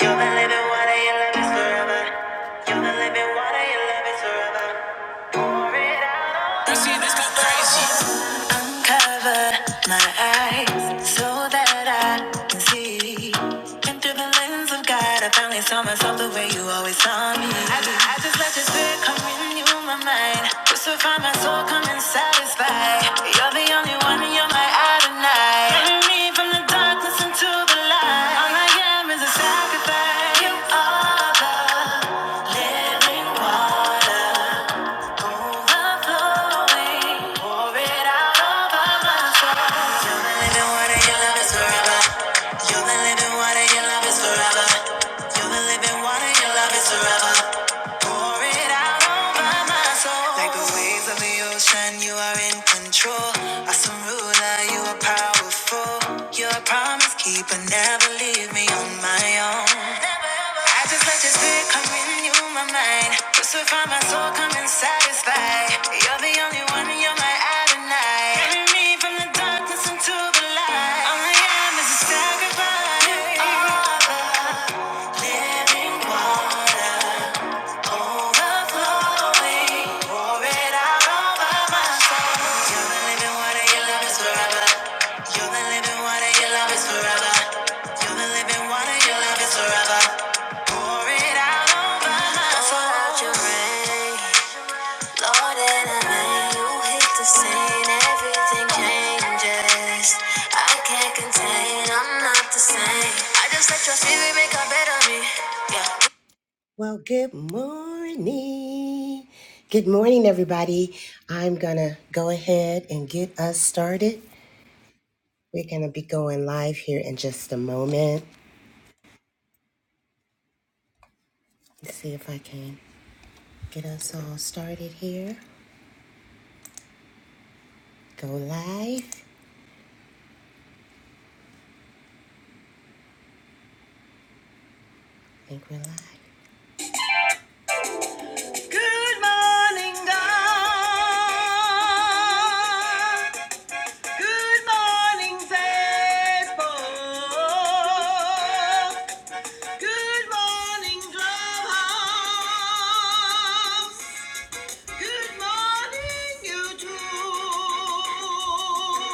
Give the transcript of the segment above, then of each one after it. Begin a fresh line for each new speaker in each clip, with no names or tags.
You're the living water, your love is forever. You're the living water, your love is forever. Pour it out on me. this go crazy. Uncover my eyes so that I can see. And through the lens of God, I finally saw myself the way you always saw me. I, I just let your spirit come in, you my mind. Just to find my soul come and satisfy. You're the only one, you're my Adonai. Bring me from the darkness into the light. All I am is a sacrifice. You are the living water. Overflowing, pour it out over my soul. You're the living water, your love is forever. You're the living water, your love is forever. You're the living water, your love is forever. Pour it out over my soul. Like the waves of the ocean, you are in control. Awesome ruler, you are powerful. You're a promise keeper me, but never leave me on my own. Never, ever. I just let your spirit come in, you my mind. Just to find my soul come and satisfy. You're the only one, you're my Adonai. Bring me from the darkness into the light. All I am is a sacrifice. Oh, the living water. Overflowing, pour it out over my soul. You're the living water, your love is forever. You're the living water, your love is forever. You're the living water, your love is forever. Pour it out over my soul. Pour out your rain, Lord, in a man you hit the scene, everything changes. I can't contain, I'm not the same. I just let your spirit make a better me, yeah. Well, good morning. Good morning, everybody. I'm going to go ahead and get us started. We're going to be going live here in just a minute. I think we're live. Good morning, God. Good morning, faithful. Good morning, Clubhouse. Good morning, YouTube.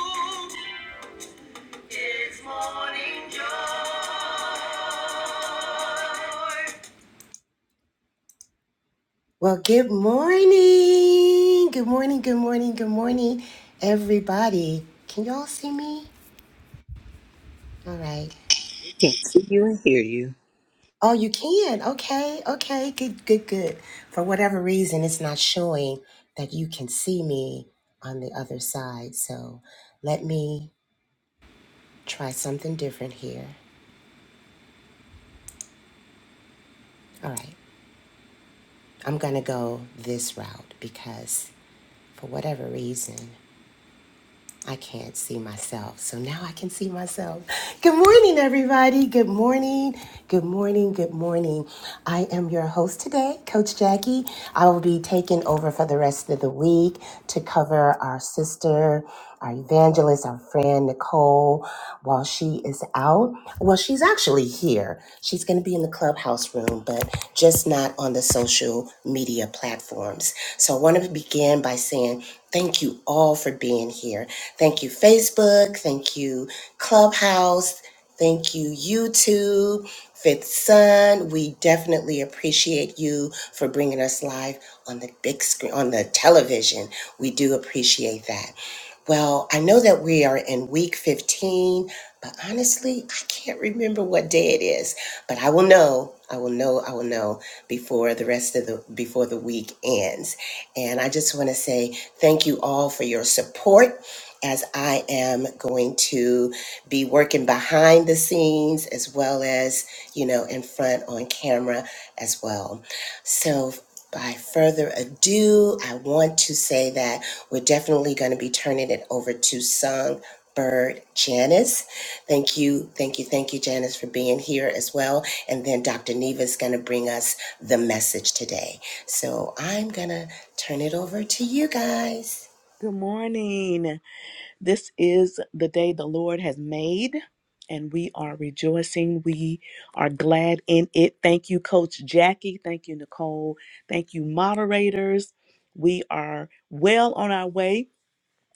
Well, good morning. Good morning. Good morning. Good morning, everybody. Can y'all see me? All right.
Can't see you and hear you.
Oh, you can. Okay. Okay. Good. Good. Good. For whatever reason, it's not showing that you can see me on the other side. So let me try something different here. All right. I'm going to go this route because for whatever reason. I can't see myself. So now I can see myself. Good morning, everybody. Good morning. Good morning. Good morning. I am your host today, Coach Jackie. I will be taking over for the rest of the week to cover our sister, our evangelist, our friend, Nicole, while she is out. Well, she's actually here. She's going to be in the clubhouse room, but just not on the social media platforms. So I want to begin by saying, Thank you all for being here being here. Thank you, Facebook. Thank you, Clubhouse. Thank you, YouTube, Fifth Sun. We definitely appreciate you for bringing us live on the big screen, on the television. We do appreciate that. Well, I know that we are in week 15, but honestly, I can't remember what day it is. But I will know, I will know, I will know before the rest of the before the week ends. And I just want to say thank you all for your support as I am going to be working behind the scenes as well as, you know, in front on camera as well. So by further ado, I want to say that we're definitely going to be turning it over to Songbird Janice. Thank you, thank you, thank you, Janice, for being here as well. And then Dr. Neva is going to bring us the message today. So I'm going to turn it over to you guys.
Good morning. This is the day the Lord has made, and we are rejoicing. We are glad in it. Thank you, Coach Jackie. Thank you, Nicole. Thank you, moderators. We are well on our way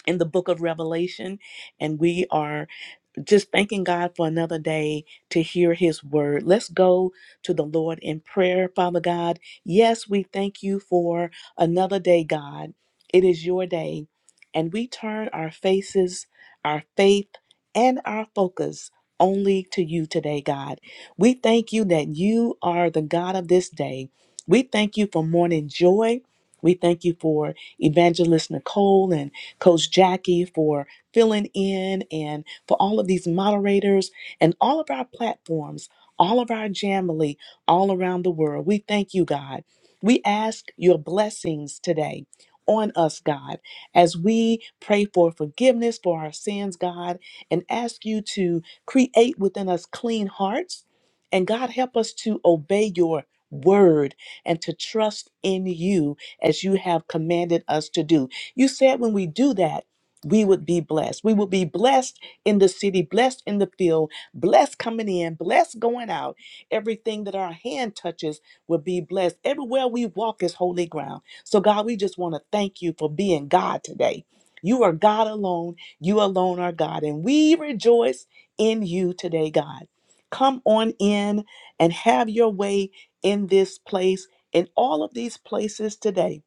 in the book of Revelation, and we are just thanking God for another day to hear his word. Let's go to the Lord in prayer, Father God. Yes, we thank you for another day, God. It is your day, and we turn our faces, our faith, and our focus only to you today, God. We thank you that you are the God of this day. We thank you for morning joy. We thank you for Evangelist Nicole and Coach Jackie for filling in and for all of these moderators and all of our platforms, all of our Jamily all around the world. We thank you, God. We ask your blessings today on us, God, as we pray for forgiveness for our sins, God, and ask you to create within us clean hearts. And God, help us to obey your word and to trust in you as you have commanded us to do. You said when we do that, we would be blessed. We will be blessed in the city, blessed in the field, blessed coming in, blessed going out. Everything that our hand touches will be blessed. Everywhere we walk is holy ground. So, God, we just want to thank you for being God today. You are God alone. You alone are God. And we rejoice in you today, God. Come on in and have your way in this place, in all of these places today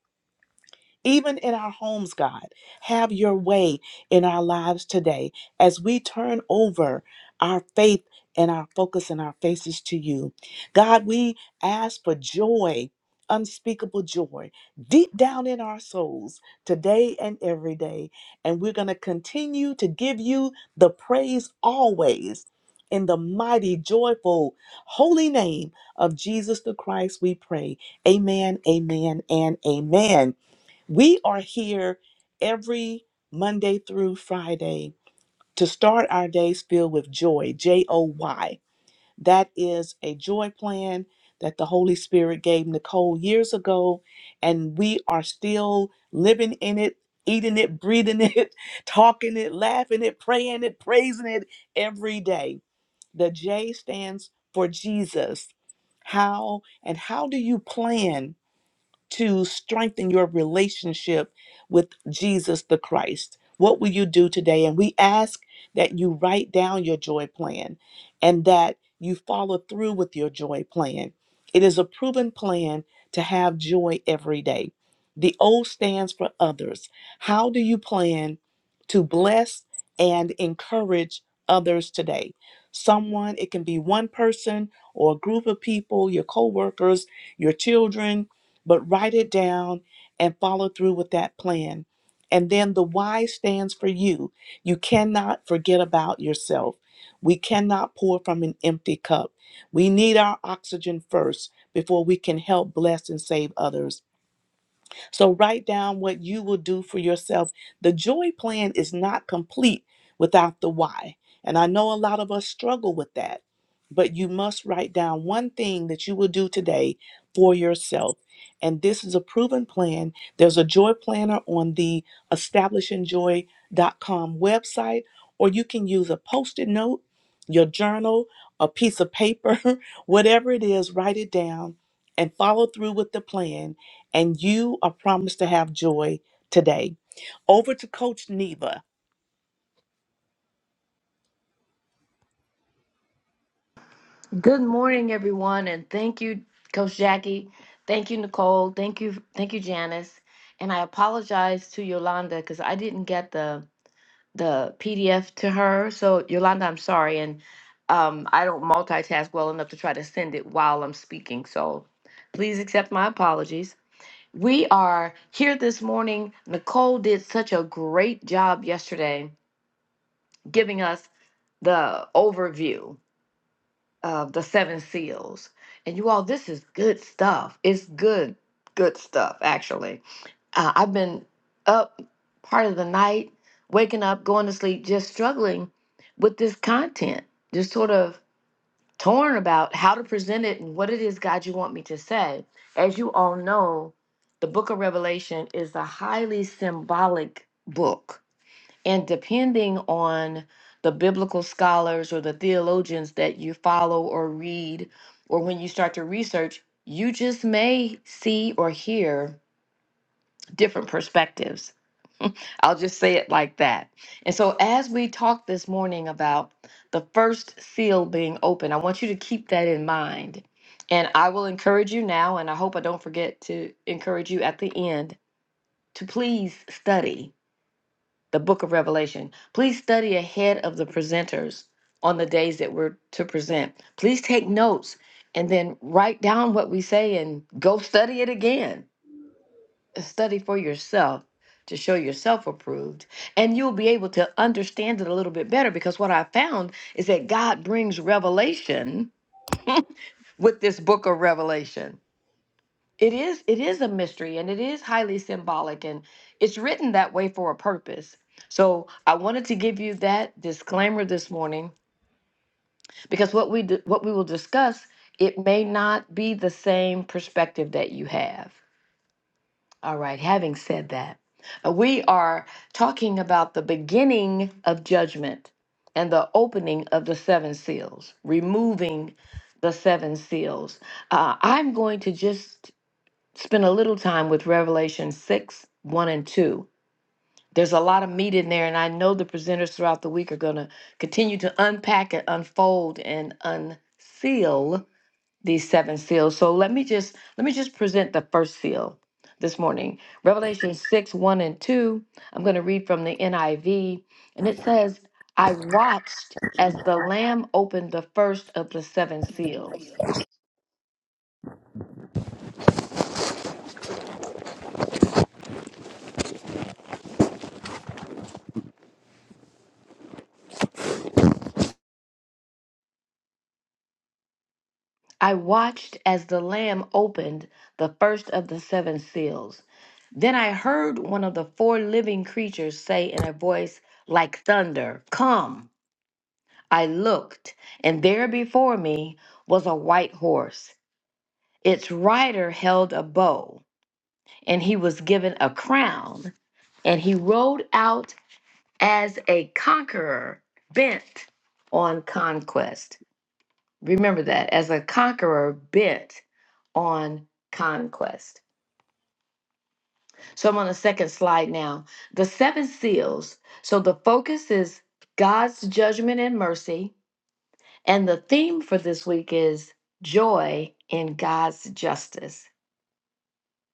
even in our homes, God. Have your way in our lives today as we turn over our faith and our focus and our faces to you. God, we ask for joy, unspeakable joy, deep down in our souls today and every day. And we're going to continue to give you the praise always. In the mighty, joyful, holy name of Jesus the Christ, we pray. Amen, amen, and amen. We are here every Monday through Friday to start our days filled with joy, J O Y. That is a joy plan that the Holy Spirit gave Nicole years ago, and we are still living in it, eating it, breathing it, talking it, laughing it, praying it, praising it every day. The J stands for Jesus. How and how do you plan? to strengthen your relationship with Jesus the Christ? What will you do today? And we ask that you write down your joy plan and that you follow through with your joy plan. It is a proven plan to have joy every day. The O stands for others. How do you plan to bless and encourage others today? Someone, it can be one person or a group of people, your coworkers, your children, but write it down and follow through with that plan. And then the Y stands for you. You cannot forget about yourself. We cannot pour from an empty cup. We need our oxygen first before we can help bless and save others. So write down what you will do for yourself. The joy plan is not complete without the why. And I know a lot of us struggle with that, but you must write down one thing that you will do today for yourself. And this is a proven plan. There's a joy planner on the establishingjoy.com website, or you can use a post it note, your journal, a piece of paper, whatever it is, write it down and follow through with the plan and you are promised to have joy today. Over to Coach Neva.
Good morning, everyone, and thank you, Coach Jackie. Thank you, Nicole. Thank you, thank you, Janice. And I apologize to Yolanda because I didn't get the the PDF to her. So Yolanda, I'm sorry, and um, I don't multitask well enough to try to send it while I'm speaking. So please accept my apologies. We are here this morning. Nicole did such a great job yesterday giving us the overview of the seven seals. And you all, this is good stuff. It's good, good stuff, actually. Uh, I've been up part of the night, waking up, going to sleep, just struggling with this content, just sort of torn about how to present it and what it is, God, you want me to say. As you all know, the book of Revelation is a highly symbolic book and depending on the biblical scholars or the theologians that you follow or read, or when you start to research, you just may see or hear different perspectives. I'll just say it like that. And so, as we talked this morning about the first seal being open, I want you to keep that in mind. And I will encourage you now, and I hope I don't forget to encourage you at the end to please study the book of Revelation. Please study ahead of the presenters on the days that we're to present. Please take notes and then write down what we say and go study it again. Study for yourself to show yourself approved. And you'll be able to understand it a little bit better because what I found is that God brings revelation with this book of Revelation it is it is a mystery and it is highly symbolic and it's written that way for a purpose. So I wanted to give you that disclaimer this morning because what we d- what we will discuss it may not be the same perspective that you have. All right, having said that, uh, we are talking about the beginning of judgment and the opening of the seven seals, removing the seven seals. Uh, I'm going to just spend a little time with Revelation 6, 1 and 2. There's a lot of meat in there, and I know the presenters throughout the week are going to continue to unpack and unfold and unseal these seven seals. So let me just let me just present the first seal this morning. Revelation 6, 1 and 2. I'm going to read from the NIV, and it says, I watched as the Lamb opened the first of the seven seals. I watched as the Lamb opened the first of the seven seals. Then I heard one of the four living creatures say in a voice like thunder, Come! I looked, and there before me was a white horse. Its rider held a bow, and he was given a crown, and he rode out as a conqueror bent on conquest. Remember that as a conqueror bent on conquest. So I'm on the second slide now. The seven seals. So the focus is God's judgment and mercy. And the theme for this week is joy in God's justice.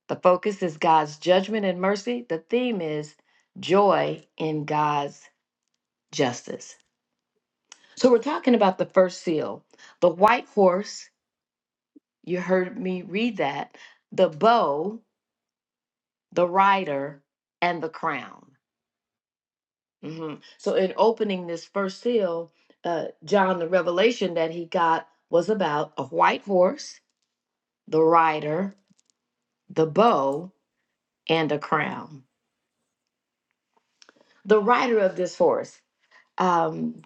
The focus is God's judgment and mercy. The theme is joy in God's justice. So we're talking about the first seal, the white horse. You heard me read that. The bow, the rider and the crown Mhm. so in opening this first seal uh, john the revelation that he got was about a white horse the rider the bow and a crown the rider of this horse um,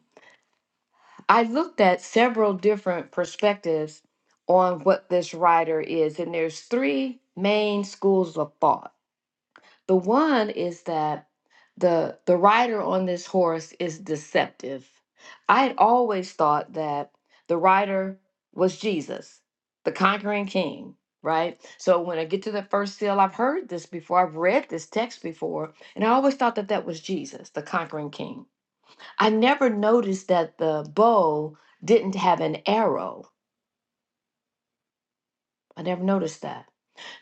i looked at several different perspectives on what this rider is and there's three main schools of thought The one is that the the rider on this horse is deceptive. I had always thought that the rider was Jesus, the conquering king, right? So when I get to the first seal, I've heard this before. I've read this text before, and I always thought that that was Jesus, the conquering king. I never noticed that the bow didn't have an arrow. I never noticed that.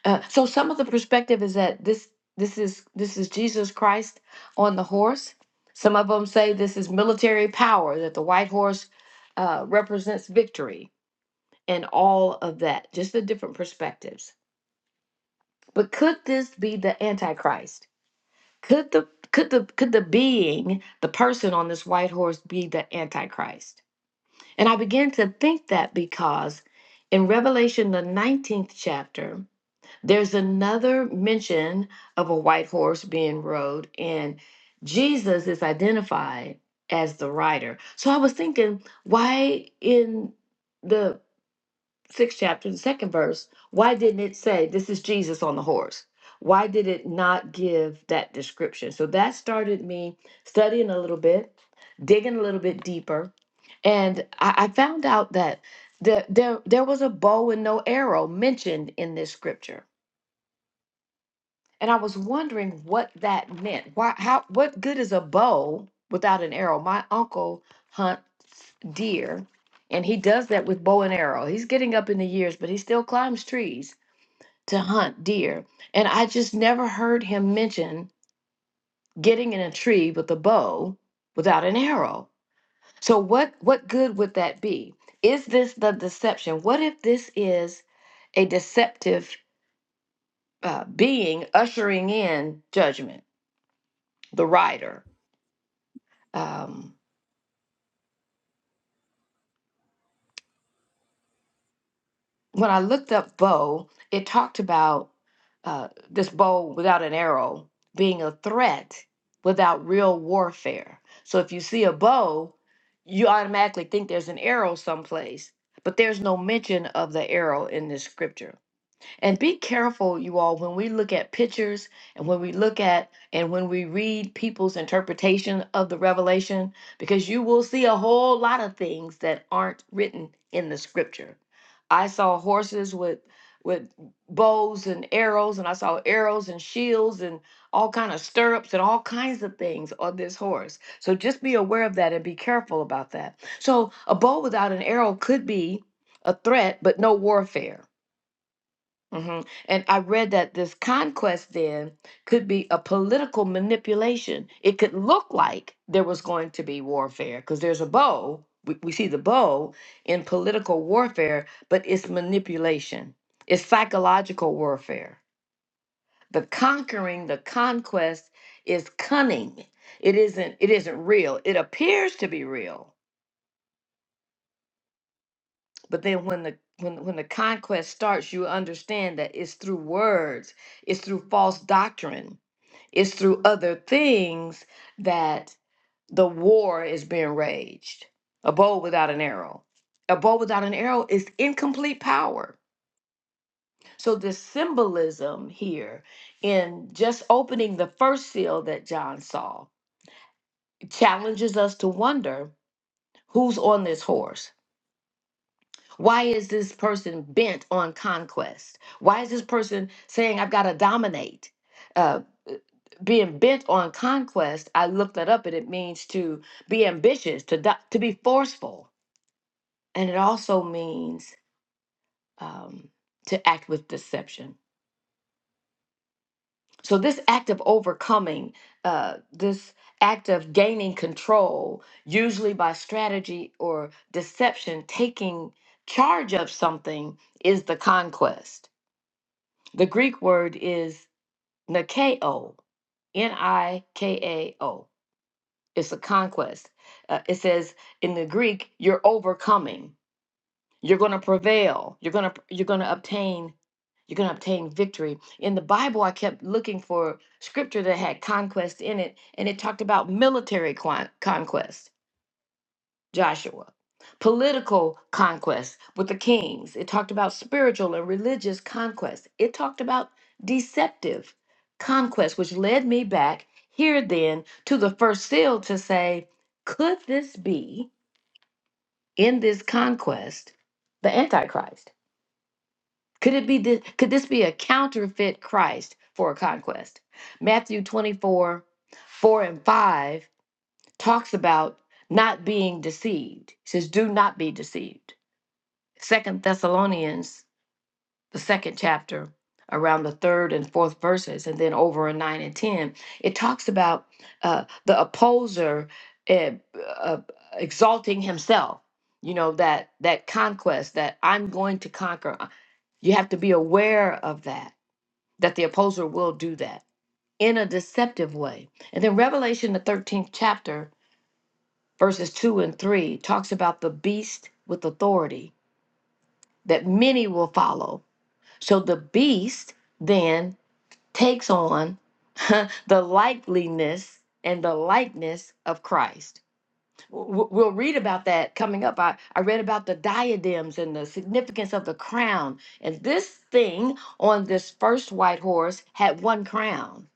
Uh, so some of the perspective is that this this is this is Jesus Christ on the horse. Some of them say this is military power that the white horse uh, represents victory and all of that. Just the different perspectives. But could this be the Antichrist? Could the could the could the being the person on this white horse be the Antichrist? And I began to think that because in Revelation the nineteenth chapter There's another mention of a white horse being rode, and Jesus is identified as the rider. So I was thinking, why in the sixth chapter, the second verse, why didn't it say this is Jesus on the horse? Why did it not give that description? So that started me studying a little bit, digging a little bit deeper, and I, I found out that the, there there was a bow and no arrow mentioned in this scripture and I was wondering what that meant. Why, how, what good is a bow without an arrow? My uncle hunts deer, and he does that with bow and arrow. He's getting up in the years, but he still climbs trees to hunt deer. And I just never heard him mention getting in a tree with a bow without an arrow. So what what good would that be? Is this the deception? What if this is a deceptive uh, being ushering in judgment, the rider? um, when I looked up bow, it talked about uh, this bow without an arrow being a threat without real warfare. So if you see a bow, you automatically think there's an arrow someplace, but there's no mention of the arrow in this scripture. And be careful, you all, when we look at pictures and when we look at and when we read people's interpretation of the revelation, because you will see a whole lot of things that aren't written in the scripture. I saw horses with with bows and arrows and I saw arrows and shields and all kind of stirrups and all kinds of things on this horse. So just be aware of that and be careful about that. So a bow without an arrow could be a threat but no warfare hmm And I read that this conquest then could be a political manipulation. It could look like there was going to be warfare because there's a bow. We, we see the bow in political warfare, but it's manipulation, it's psychological warfare. The conquering, the conquest is cunning. It isn't it isn't real. It appears to be real. But then when the when, when the conquest starts, you understand that it's through words, it's through false doctrine It's through other things that the war is being raged. A bow without an arrow. A bow without an arrow is incomplete power. So, the symbolism here in just opening the first seal that John saw challenges us to wonder who's on this horse Why is this person bent on conquest? Why is this person saying, I've got to dominate? Uh, being bent on conquest, I looked that up and it means to be ambitious, to, do- to be forceful. And it also means um, to act with deception. So, this act of overcoming, uh, this act of gaining control, usually by strategy or deception, taking charge of something is the conquest. The Greek word is nikao, N I K A O. It's a conquest. Uh, it says in the Greek, you're overcoming. You're going to prevail. You're going to you're going to obtain you're going to obtain victory. In the Bible, I kept looking for scripture that had conquest in it, and it talked about military quan- conquest Joshua. Political conquest with the kings. It talked about spiritual and religious conquest. It talked about deceptive conquest, which led me back here then to the first seal to say, could this be in this conquest the Antichrist? Could it be this, could this be a counterfeit Christ for a conquest? Matthew 24, 4 and 5 talks about not being deceived. It says, do not be deceived. Second Thessalonians, the second chapter, around the third and fourth verses, and then over in nine and ten, it talks about uh, the opposer uh, uh, exalting himself. You know that that conquest that I'm going to conquer. Uh, You have to be aware of that. That the opposer will do that in a deceptive way. And then Revelation, the thirteenth chapter, verses two and three, talks about the beast with authority that many will follow So the beast then takes on the likeliness and the likeness of Christ. W- We'll read about that coming up. I, I read about the diadems and the significance of the crown. And this thing on this first white horse had one crown.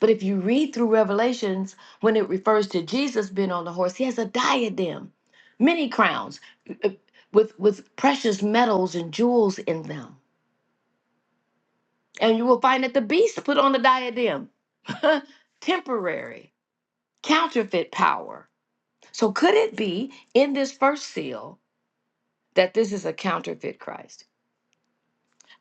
But if you read through Revelations, when it refers to Jesus being on the horse, he has a diadem, many crowns uh, with, with precious metals and jewels in them. And you will find that the beast put on a diadem, temporary, counterfeit power. So, could it be in this first seal that this is a counterfeit Christ?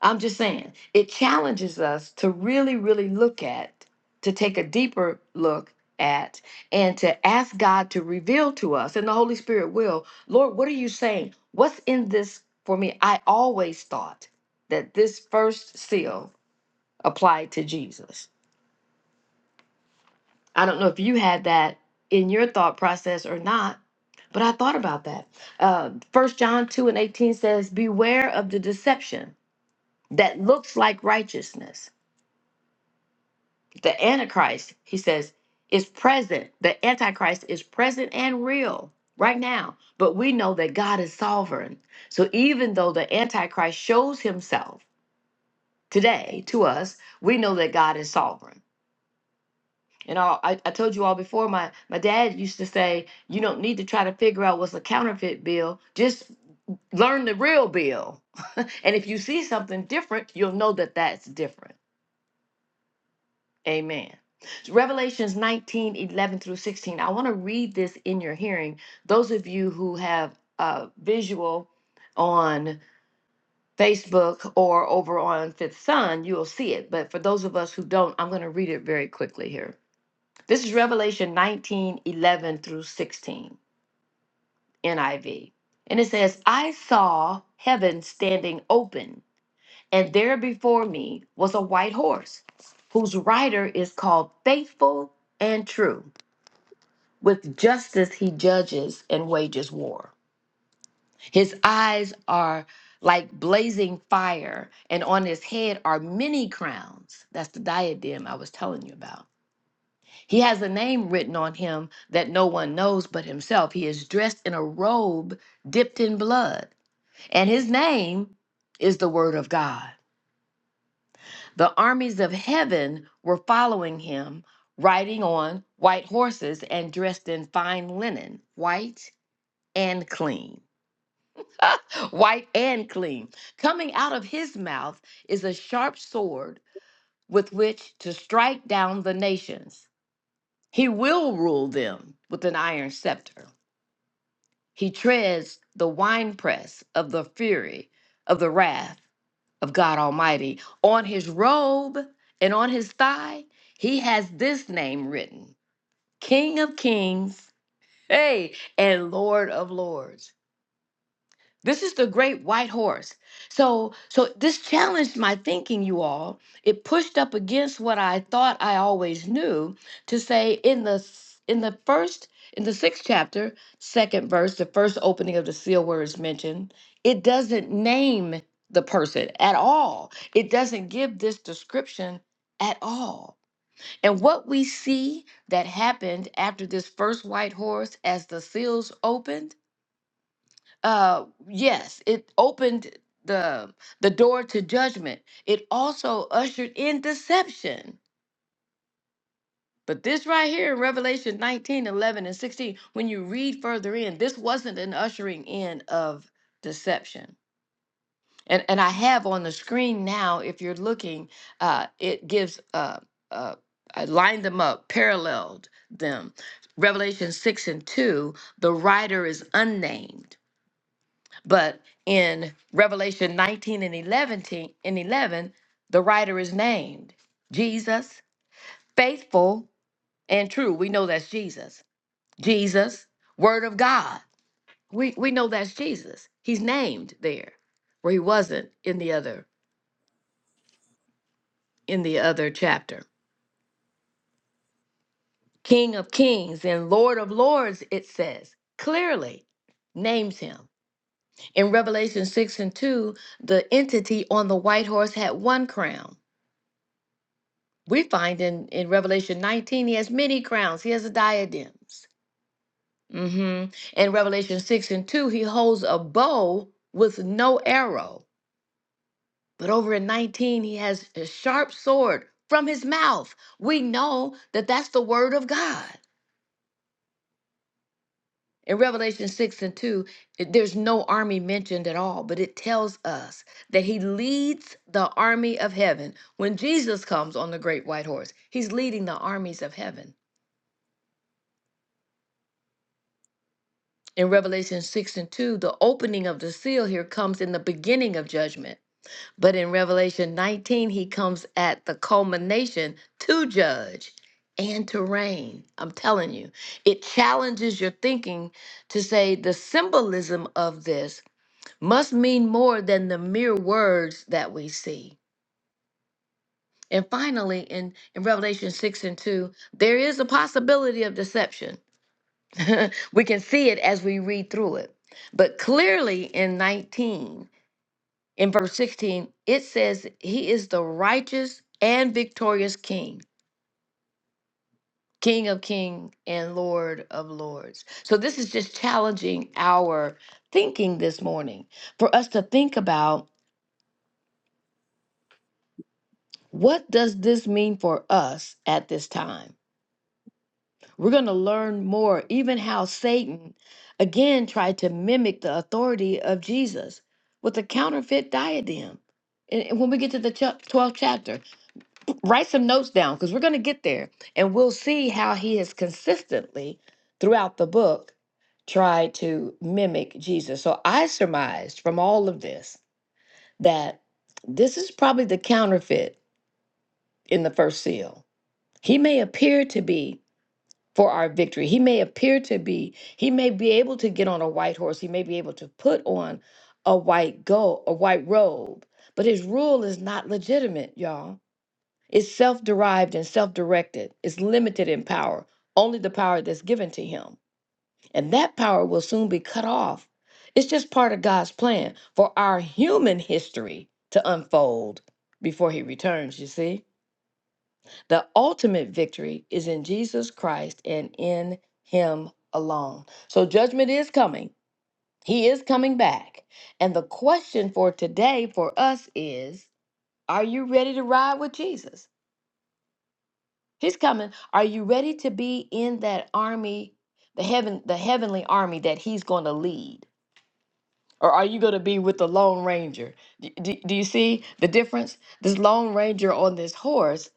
I'm just saying, it challenges us to really, really look at, to take a deeper look at, and to ask God to reveal to us, and the Holy Spirit will, Lord, what are you saying? What's in this for me? I always thought that this first seal applied to Jesus I don't know if you had that in your thought process or not, but I thought about that. Uh, First John 2 and 18 says, Beware of the deception that looks like righteousness. The Antichrist, he says, is present. The Antichrist is present and real right now, but we know that God is sovereign. So even though the Antichrist shows himself today to us, we know that God is sovereign. And all, I, I told you all before, my, my dad used to say, you don't need to try to figure out what's a counterfeit bill. Just learn the real bill. and if you see something different, you'll know that that's different. Amen. So Revelations 19 11 through 16. I want to read this in your hearing. Those of you who have uh, visual on Facebook or over on Fifth Sun, you'll see it. But for those of us who don't, I'm going to read it very quickly here. This is Revelation 19 11 through 16, NIV. And it says, I saw heaven standing open, and there before me was a white horse, whose rider is called Faithful and True. With justice he judges and wages war. His eyes are like blazing fire, and on his head are many crowns. That's the diadem I was telling you about He has a name written on him that no one knows but himself. He is dressed in a robe dipped in blood, and his name is the Word of God. The armies of heaven were following him, riding on white horses and dressed in fine linen, white and clean. white and clean. Coming out of his mouth is a sharp sword with which to strike down the nations. He will rule them with an iron scepter. He treads the winepress of the fury of the wrath of God Almighty. On his robe and on his thigh, he has this name written King of Kings, hey, and Lord of Lords. This is the great white horse. So so this challenged my thinking you all. It pushed up against what I thought I always knew to say in the s- in the first in the 6th chapter, second verse, the first opening of the seal where it's mentioned, it doesn't name the person at all. It doesn't give this description at all. And what we see that happened after this first white horse as the seals opened uh yes it opened the the door to judgment it also ushered in deception but this right here in revelation 19, 11, and 16 when you read further in this wasn't an ushering in of deception and and i have on the screen now if you're looking uh it gives uh uh I lined them up, paralleled them. Revelation 6 and 2, the writer is unnamed But in Revelation 19 and 11, te- and 11, the writer is named Jesus, faithful and true. We know that's Jesus. Jesus, Word of God. We, we know that's Jesus. He's named there where he wasn't in the other in the other chapter. King of kings and Lord of lords, it says clearly names him. In Revelation 6 and 2, the entity on the white horse had one crown we find in, in Revelation 19, he has many crowns, he has a diadems. hmm In Revelation 6 and 2, he holds a bow with no arrow. But over in 19, he has a sharp sword from his mouth. We know that that's the word of God. In Revelation 6 and 2, it- there's no army mentioned at all, but it tells us that he leads the army of heaven. When Jesus comes on the great white horse, he's leading the armies of heaven. in Revelation 6 and 2, the opening of the seal here comes in the beginning of judgment. But in Revelation 19, he comes at the culmination to judge and to reign. I'm telling you, it challenges your thinking to say the symbolism of this must mean more than the mere words that we see. And finally, in, in Revelation 6 and 2, there is a possibility of deception we can see it as we read through it. But clearly in 19, in verse 16, it says, He is the righteous and victorious King, King of kings and Lord of lords. So this is just challenging our thinking this morning for us to think about what does this mean for us at this time? We're going to learn more, even how Satan again tried to mimic the authority of Jesus with a counterfeit diadem. And and when we get to the chap- 12th chapter, write some notes down because we're going to get there and we'll see how he has consistently throughout the book tried to mimic Jesus. So I surmised from all of this that this is probably the counterfeit in the first seal. He may appear to be for our victory. He may appear to be, he may be able to get on a white horse, he may be able to put on a white go, a white robe, but his rule is not legitimate, y'all. It's self-derived and self-directed. It's limited in power, only the power that's given to him. And that power will soon be cut off. It's just part of God's plan for our human history to unfold before he returns, you see? The ultimate victory is in Jesus Christ and in Him alone. So judgment is coming, He is coming back. And the question for today for us is Are you ready to ride with Jesus? He's coming. Are you ready to be in that army, the heaven, the heavenly army that He's going to lead? Or are you going to be with the Lone Ranger? D- d- do you see the difference? This Lone Ranger on this horse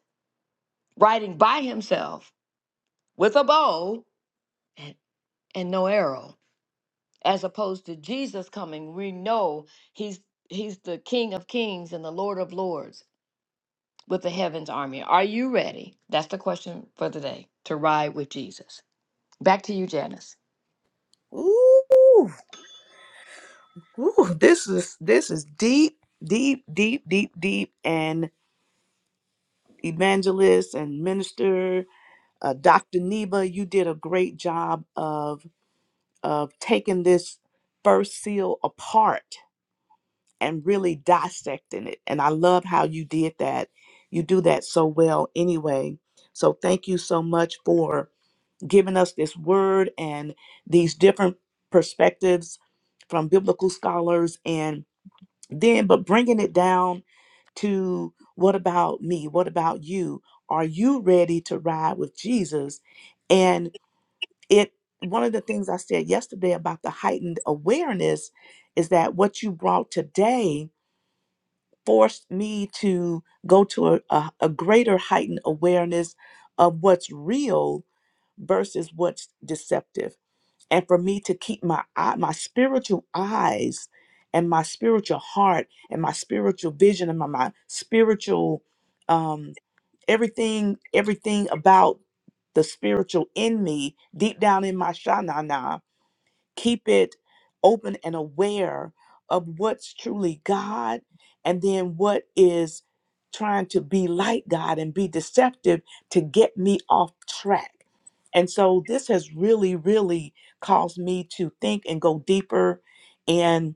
riding by himself with a bow and. and no arrow as opposed to jesus coming we know he's he's the king of kings and the lord of lords with the heavens army are you ready that's the question for today to ride with jesus back to you janice
Ooh, ooh, this is this is deep, deep, deep, deep, deep. And evangelist and minister, uh, Dr. Neva, you did a great job of of taking this first seal apart and really dissecting it. And I love how you did that. You do that so well anyway. So thank you so much for giving us this word and these different perspectives from biblical scholars and then but bringing it down to what about me what about you are you ready to ride with jesus and it one of the things i said yesterday about the heightened awareness is that what you brought today forced me to go to a, a, a greater heightened awareness of what's real versus what's deceptive and for me to keep my eye, my spiritual eyes and my spiritual heart and my spiritual vision and my, my spiritual um everything everything about the spiritual in me deep down in my shana keep it open and aware of what's truly God and then what is trying to be like God and be deceptive to get me off track. And so this has really, really caused me to think and go deeper. and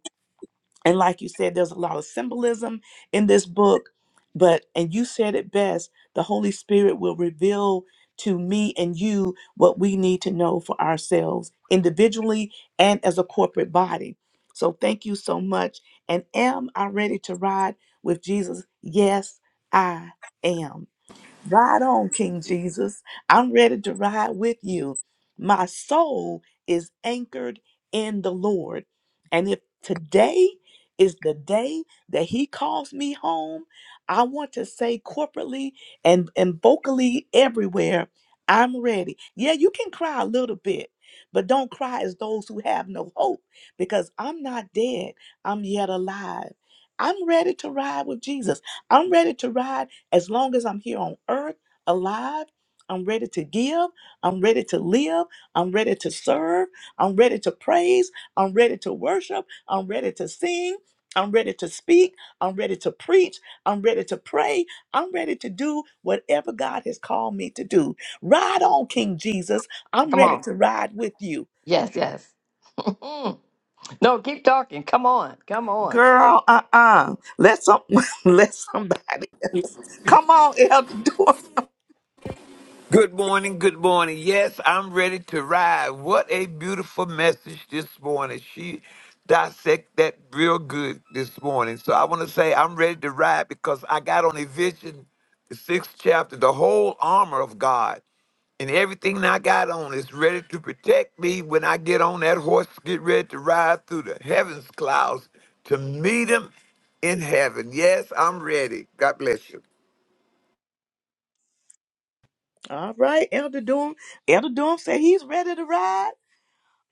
and like you said there's a lot of symbolism in this book but and you said it best the holy spirit will reveal to me and you what we need to know for ourselves individually and as a corporate body so thank you so much and am i ready to ride with jesus yes i am Ride on, King Jesus. I'm ready to ride with you. My soul is anchored in the Lord. And if today is the day that He calls me home, I want to say corporately and, and vocally everywhere, I'm ready. Yeah, you can cry a little bit, but don't cry as those who have no hope because I'm not dead, I'm yet alive. I'm ready to ride with Jesus. I'm ready to ride as long as I'm here on earth, alive, I'm ready to give, I'm ready to live, I'm ready to serve, I'm ready to praise, I'm ready to worship, I'm ready to sing. I'm ready to speak. I'm ready to preach. I'm ready to pray. I'm ready to do whatever God has called me to do. Ride on, King Jesus. I'm
come
ready
on
to ride with you.
yes yes no keep talking come on come on
Girl, uh-uh. Let some let somebody come on, Elder Dorothy.
Good morning, good morning. Yes, I'm ready to ride. What a beautiful message this morning. She dissect that real good this morning. So I want to say I'm ready to ride because I got on a vision, the sixth chapter, the whole armor of God. And everything I got on is ready to protect me when I get on that horse, get ready to ride through the heavens clouds to meet him in heaven. Yes, I'm ready. God bless you.
All right, Elder Doom. Elder Doom said he's ready to ride.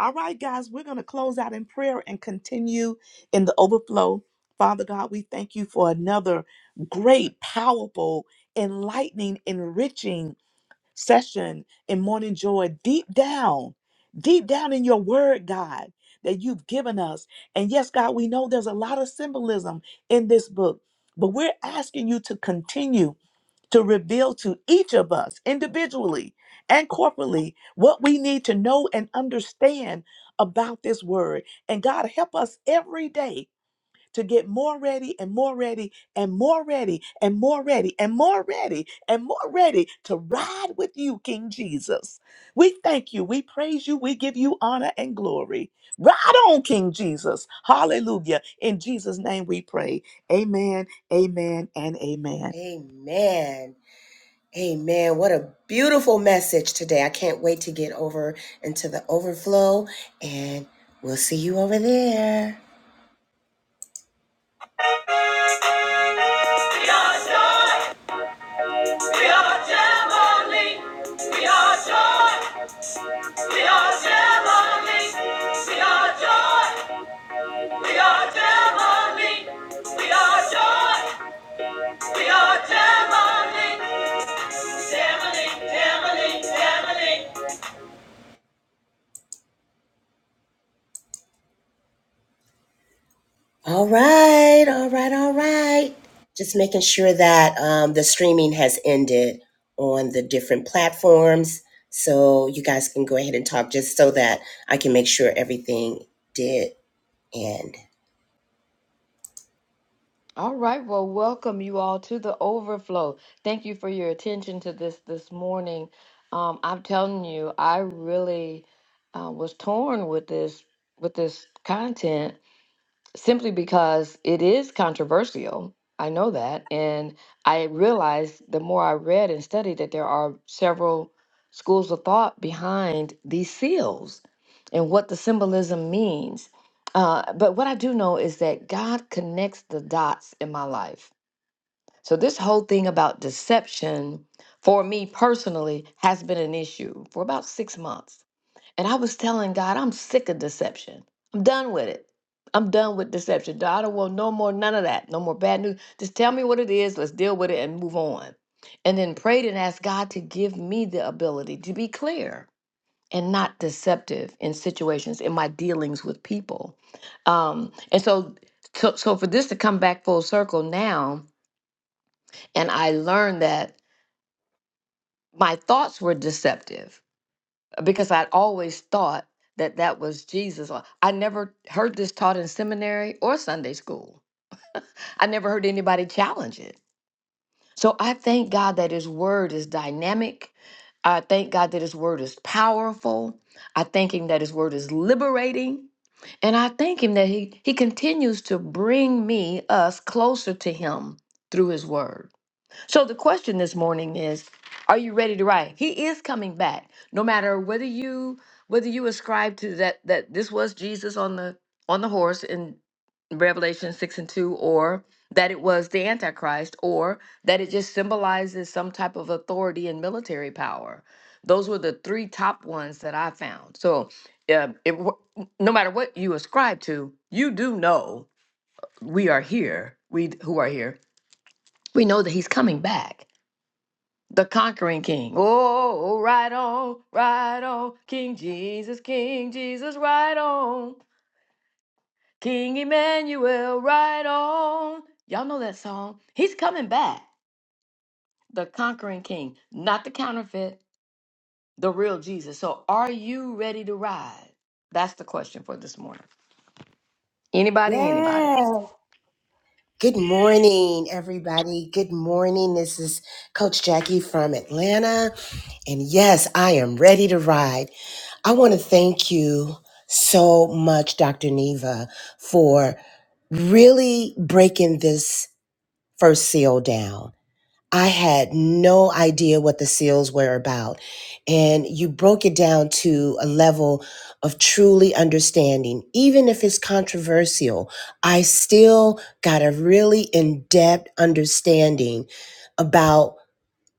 All right, guys, we're going to close out in prayer and continue in the overflow. Father God, we thank you for another great, powerful, enlightening, enriching session in Morning Joy deep down, deep down in your word, God, that you've given us. And yes, God, we know there's a lot of symbolism in this book, but we're asking you to continue to reveal to each of us individually and corporately what we need to know and understand about this word. And God, help us every day to get more ready and more ready and more ready and more ready and more ready and more ready to ride with you, King Jesus. We thank you. We praise you. We give you honor and glory. Ride on, King Jesus. Hallelujah. In Jesus' name we pray. Amen, amen, and amen.
Amen. Amen. What a beautiful message today. I can't wait to get over into the overflow, and we'll see you over there. We are joy. We are Gemini. We are joy. We are Gemini. We are joy. We are Gemini. We are joy. We are Gemini. Gemini, Gemini, Gemini. All right, all right, all right. Just making sure that um, the streaming has ended on the different platforms. So you guys can go ahead and talk just so that I can make sure everything did end.
All right, well, welcome you all to the overflow. Thank you for your attention to this this morning. Um, I'm telling you, I really uh, was torn with this with this content simply because it is controversial. I know that. And I realized the more I read and studied that there are several schools of thought behind these seals and what the symbolism means. Uh, but what I do know is that God connects the dots in my life. So, this whole thing about deception for me personally has been an issue for about six months and I was telling God, I'm sick of deception. I'm done with it. I'm done with deception. God, I don't want no more, none of that. No more bad news. Just tell me what it is. Let's deal with it and move on. And then prayed and asked God to give me the ability to be clear and not deceptive in situations in my dealings with people. Um, and so, so, so for this to come back full circle now, and I learned that my thoughts were deceptive because I'd always thought that that was Jesus. Or- I never heard this taught in seminary or Sunday school. I never heard anybody challenge it. So I thank God that His Word is dynamic. I thank God that His Word is powerful. I thank Him that His Word is liberating. And I thank Him that He, he continues to bring me, us, closer to Him through His Word. So the question this morning is, are you ready to ride? He is coming back. No matter whether you whether you ascribe to that that this was Jesus on the on the horse in Revelation 6 and 2 or that it was the antichrist or that it just symbolizes some type of authority and military power. Those were the three top ones that I found. So uh, it, wa- no matter what you ascribe to, you do know we are here. We d- who are here. We know that he's coming back the conquering king. Oh, right on, right on, King Jesus, King Jesus, right on, King Emmanuel, right on. Y'all know that song. He's coming back, the conquering king, not the counterfeit, the real Jesus. So, are you ready to ride? That's the question for this morning. Anybody, anybody.
Yeah. Good morning, everybody. Good morning. This is Coach Jackie from Atlanta. And yes, I am ready to ride. I want to thank you so much, Dr. Neva, for really breaking this first seal down. I had no idea what the seals were about. And you broke it down to a level of truly understanding. Even if it's controversial, I still got a really in depth understanding about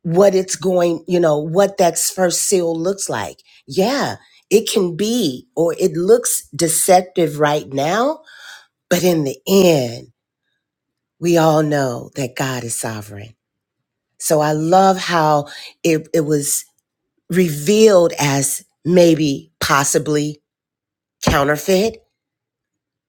what it's going, you know, what that first seal looks like. Yeah, it can be, or it looks deceptive right now, but in the end, we all know that God is sovereign. So I love how it, it was revealed as maybe possibly counterfeit,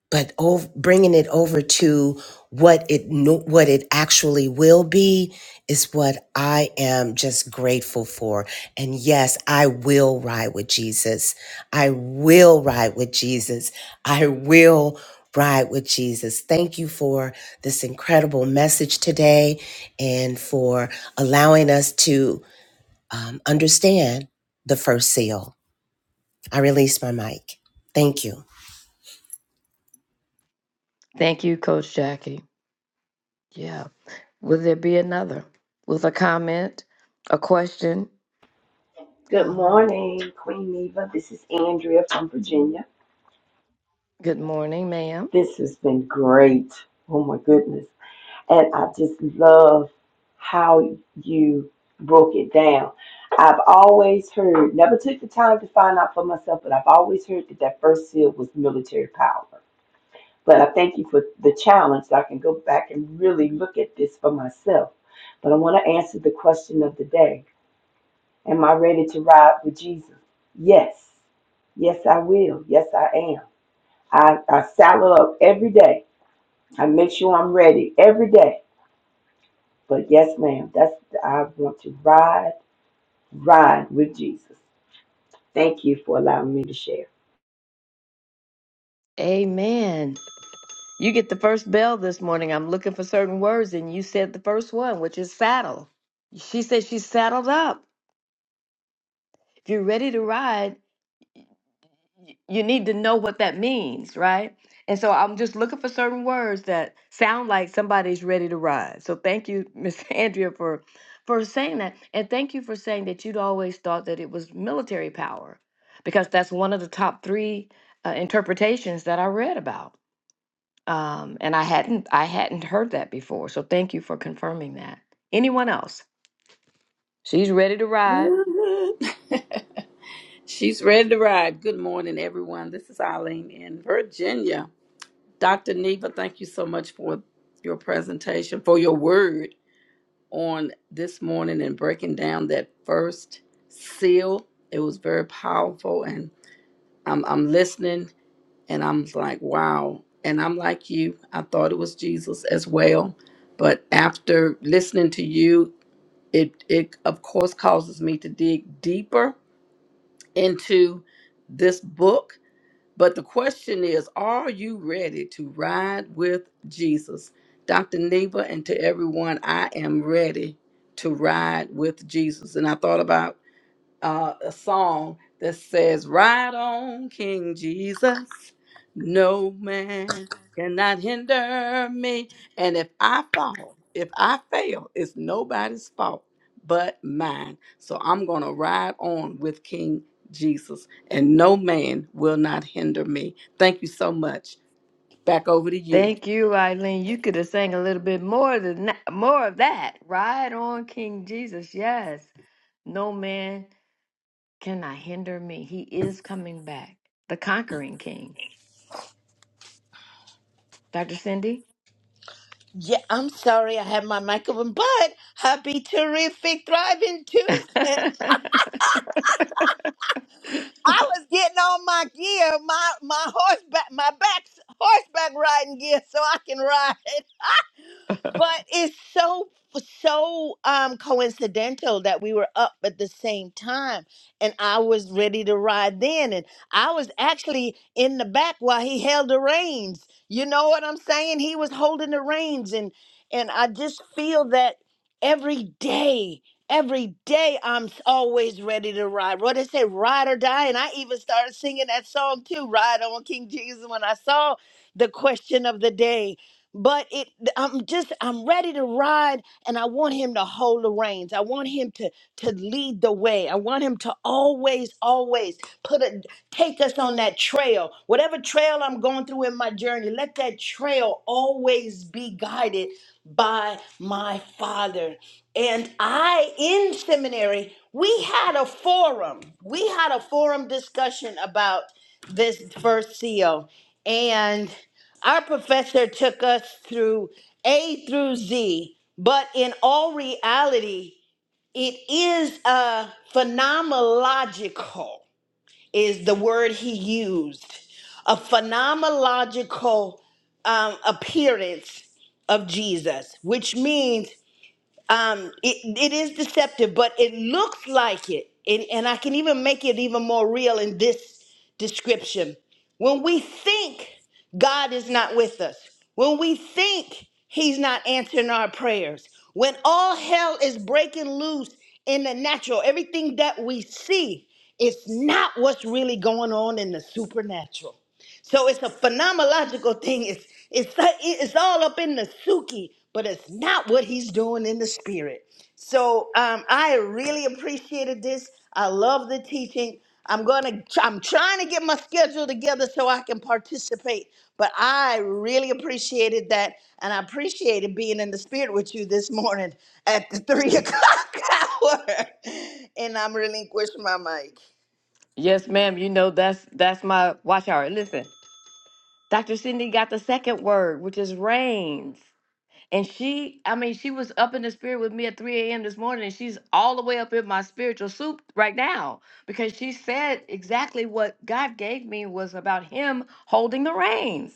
but over, bringing it over to what it no- what it actually will be is what I am just grateful for. And yes, I will ride with Jesus. I will ride with Jesus. I will ride with Jesus. Thank you for this incredible message today and for allowing us to um, understand the first seal. I release my mic. Thank you.
Thank you, Coach Jackie. Yeah. Will there be another with a comment, a question?
Good
Um,
morning, Queen Eva. This is Andrea from Virginia.
good morning, ma'am.
This has been great. Oh my goodness. And I just love how you broke it down. I've always heard, never took the time to find out for myself, but I've always heard that that first seal was military power. But I thank you for the challenge that I can go back and really look at this for myself. But I want to answer the question of the day Am I ready to ride with Jesus? Yes. Yes, I will. Yes, I am. I, I saddle up every day. I make sure I'm ready every day. But yes, ma'am, that's I want to ride, ride with Jesus. Thank you for allowing me to share.
Amen. You get the first bell this morning. I'm looking for certain words, and you said the first one, which is saddle. She said she's saddled up. If you're ready to ride, y- you need to know what that means, right? And so I'm just looking for certain words that sound like somebody's ready to ride. So thank you, Miss Andrea, for for saying that, and thank you for saying that you'd always thought that it was military power, because that's one of the top three uh, interpretations that I read about Um, and I hadn't I hadn't heard that before. So thank you for confirming that. Anyone else? She's ready to ride.
Mhm. She's ready to ride. Good morning, everyone. This is Eileen in Virginia. Dr. Neva, thank you so much for your presentation, for your word on this morning and breaking down that first seal. It was very powerful, and I'm, I'm listening and I'm like, wow. And I'm like you, I thought it was Jesus as well. But after listening to you, it, it of course causes me to dig deeper into this book. But the question is, are you ready to ride with Jesus? Dr. Neva, and to everyone, I am ready to ride with Jesus. And I thought about uh, a song that says, Ride on, King Jesus. No man cannot hinder me. And if I fall, if I fail, it's nobody's fault but mine. So I'm going to ride on with King Jesus, and no man will not hinder me. Thank you so much. Back over to you.
Thank you, Eileen. You could have sang a little bit more than that, more of that. Ride on, King Jesus. Yes. No man cannot hinder me. He is coming back. The conquering king. Dr. Cindy?
Yeah, I'm sorry I had my mic open, but happy terrific thriving Tuesday. I was getting on my gear, my my horseback my back horseback riding gear so I can ride. But it's so so um coincidental that we were up at the same time and I was ready to ride then and I was actually in the back while he held the reins. You know what I'm saying? He was holding the reins and and I just feel that every day Every day I'm s- always ready to ride. What they say, ride or die. And I even started singing that song too, Ride on King Jesus, when I saw the question of the day but it i'm just i'm ready to ride and i want him to hold the reins i want him to to lead the way i want him to always always put a take us on that trail whatever trail i'm going through in my journey let that trail always be guided by my father and i in seminary we had a forum we had a forum discussion about this first seal and our professor took us through A through Z, but in all reality, it is a phenomenological, is the word he used, a phenomenological um, appearance of Jesus, which means um, it, it is deceptive, but it looks like it. And, and I can even make it even more real in this description. When we think God is not with us, when we think He's not answering our prayers, when all hell is breaking loose in the natural, everything that we see is not what's really going on in the supernatural. So it's a phenomenological thing. It's it's it's all up in the suki, but it's not what he's doing in the spirit. So um, I really appreciated this. I love the teaching. I'm gonna. I'm trying to get my schedule together so I can participate. But I really appreciated that, and I appreciated being in the spirit with you this morning at the three o'clock hour. And I'm relinquishing my mic.
yes, ma'am. You know that's that's my watch hour. Listen, Dr. Cindy got the second word, which is reigns. And she, I mean, she was up in the spirit with me at 3 a.m. this morning, and she's all the way up in my spiritual soup right now because she said exactly what God gave me was about him holding the reins.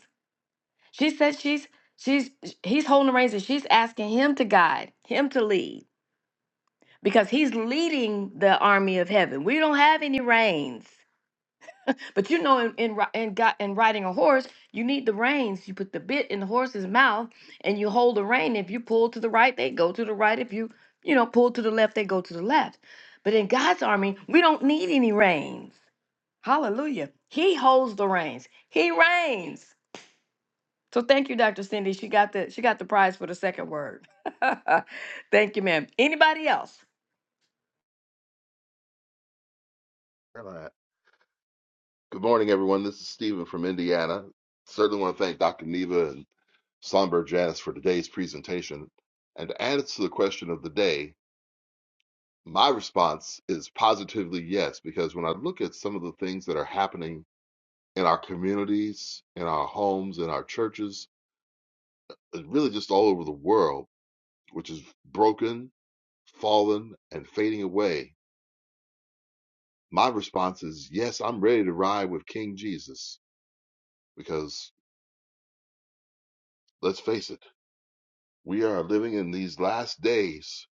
She said she's she's he's holding the reins and she's asking him to guide, him to lead, because he's leading the army of heaven. We don't have any reins. But you know, in in ri- in, got, in riding a horse, you need the reins. You put the bit in the horse's mouth, and you hold the rein. If you pull to the right, they go to the right. If you you know pull to the left, they go to the left. But in God's army, we don't need any reins. Hallelujah! He holds the reins. He reigns. So thank you, Dr. Cindy. She got the she got the prize for the second word. thank you, ma'am. Anybody else?
All right. Good morning, everyone. This is Stephen from Indiana. Certainly want to thank Dr. Neva and Songbird Janice for today's presentation. And to answer the question of the day, my response is positively yes, because when I look at some of the things that are happening in our communities, in our homes, in our churches, and really just all over the world, which is broken, fallen, and fading away, my response is yes, I'm ready to ride with King Jesus, because let's face it We are living in these last days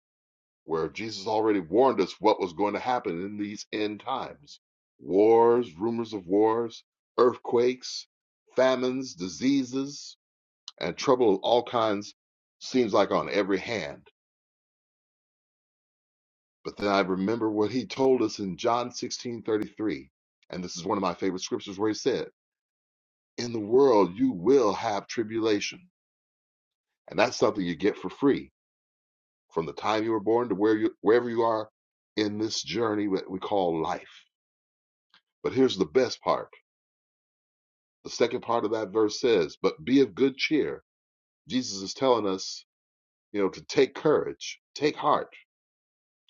where Jesus already warned us what was going to happen in these end times wars, rumors of wars, earthquakes, famines, diseases, and trouble of all kinds seems like on every hand. But then I remember what he told us in John 16:33, And this is one of my favorite scriptures where he said, In the world you will have tribulation. And that's something you get for free from the time you were born to where you wherever you are in this journey that we call life. But here's the best part. The second part of that verse says, "But be of good cheer." Jesus is telling us, you know, to take courage, take heart.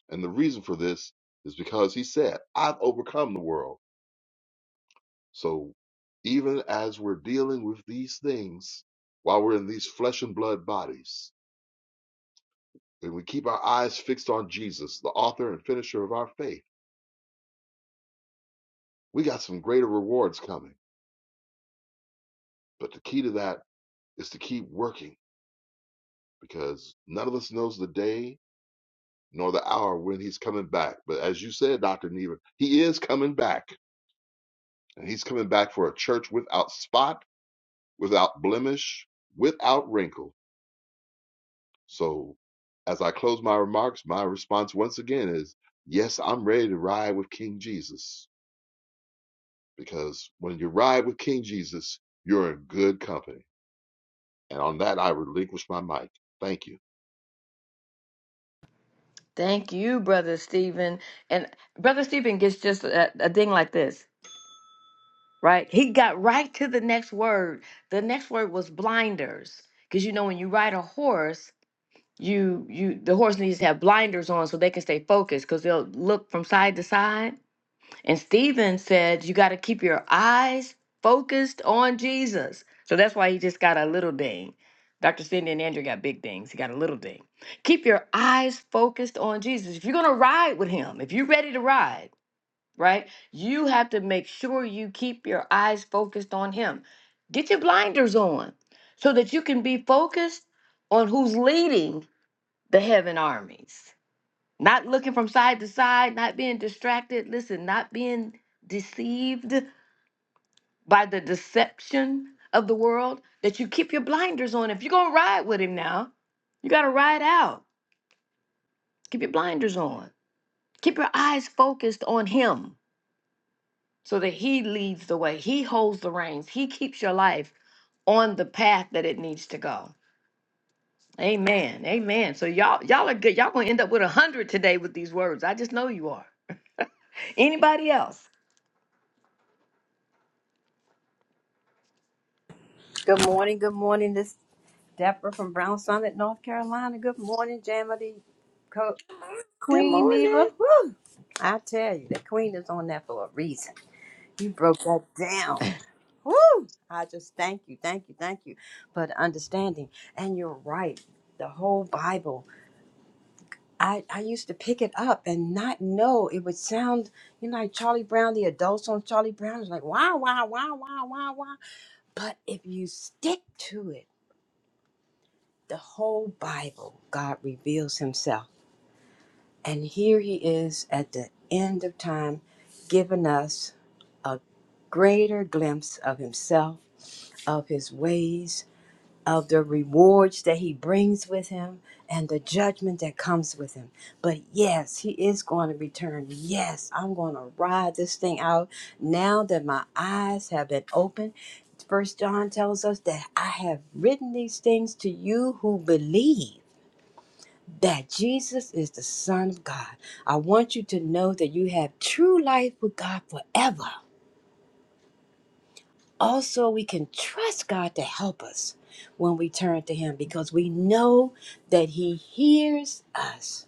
And the reason for this is because he said, "I've overcome the world." So even as we're dealing with these things while we're in these flesh and blood bodies, and we keep our eyes fixed on Jesus, the author and finisher of our faith, we got some greater rewards coming But the key to that is to keep working because none of us knows the day nor the hour when he's coming back. But as you said, Dr. Neva, he is coming back. And he's coming back for a church without spot, without blemish, without wrinkle. So as I close my remarks, my response once again is yes, I'm ready to ride with King Jesus. Because when you ride with King Jesus, you're in good company. And on that, I relinquish my mic. Thank you.
Thank you, Brother Stephen. And Brother Stephen gets just a, a ding like this. right? He got right to the next word. The next word was blinders, because you know when you ride a horse, you you the horse needs to have blinders on so they can stay focused because they'll look from side to side. And Stephen said you got to keep your eyes focused on Jesus. So that's why he just got a little ding. Dr. Cindy and Andrew got big dings. He got a little ding. Keep your eyes focused on Jesus. If you're gonna ride with him, if you're ready to ride right? You have to make sure you keep your eyes focused on Him. Get your blinders on so that you can be focused on who's leading the heaven armies. Not looking from side to side, not being distracted. Listen, not being deceived by the deception of the world, that you keep your blinders on. If you're going to ride with Him now, you got to ride out. Keep your blinders on. Keep your eyes focused on Him so that He leads the way. He holds the reins. He keeps your life on the path that it needs to go. Amen. Amen. So y'all, y'all are good. Y'all gonna end up with a hundred today with these words. I just know you are. Anybody else?
Good morning. Good morning. This is Deborah from Brown Summit, North Carolina. Good morning, Jamity. Co-
Good
Queen Neva.
morning.
Woo! I tell you, the queen is on that for a reason. You broke that down. Woo! I just thank you, thank you, thank you for the understanding. And you're right. The whole Bible. I, I used to pick it up and not know. It would sound, you know, like Charlie Brown, the adults on Charlie Brown is like, wow, wow, wow, wow, wow, wow. But if you stick to it, the whole Bible, God reveals himself. And here he is at the end of time, giving us a greater glimpse of himself, of his ways, of the rewards that he brings with him, and the judgment that comes with him. But yes, he is going to return. Yes, I'm going to ride this thing out now that my eyes have been opened. First John tells us that I have written these things to you who believe that Jesus is the Son of God. I want you to know that you have true life with God forever. Also, we can trust God to help us when we turn to Him because we know that He hears us.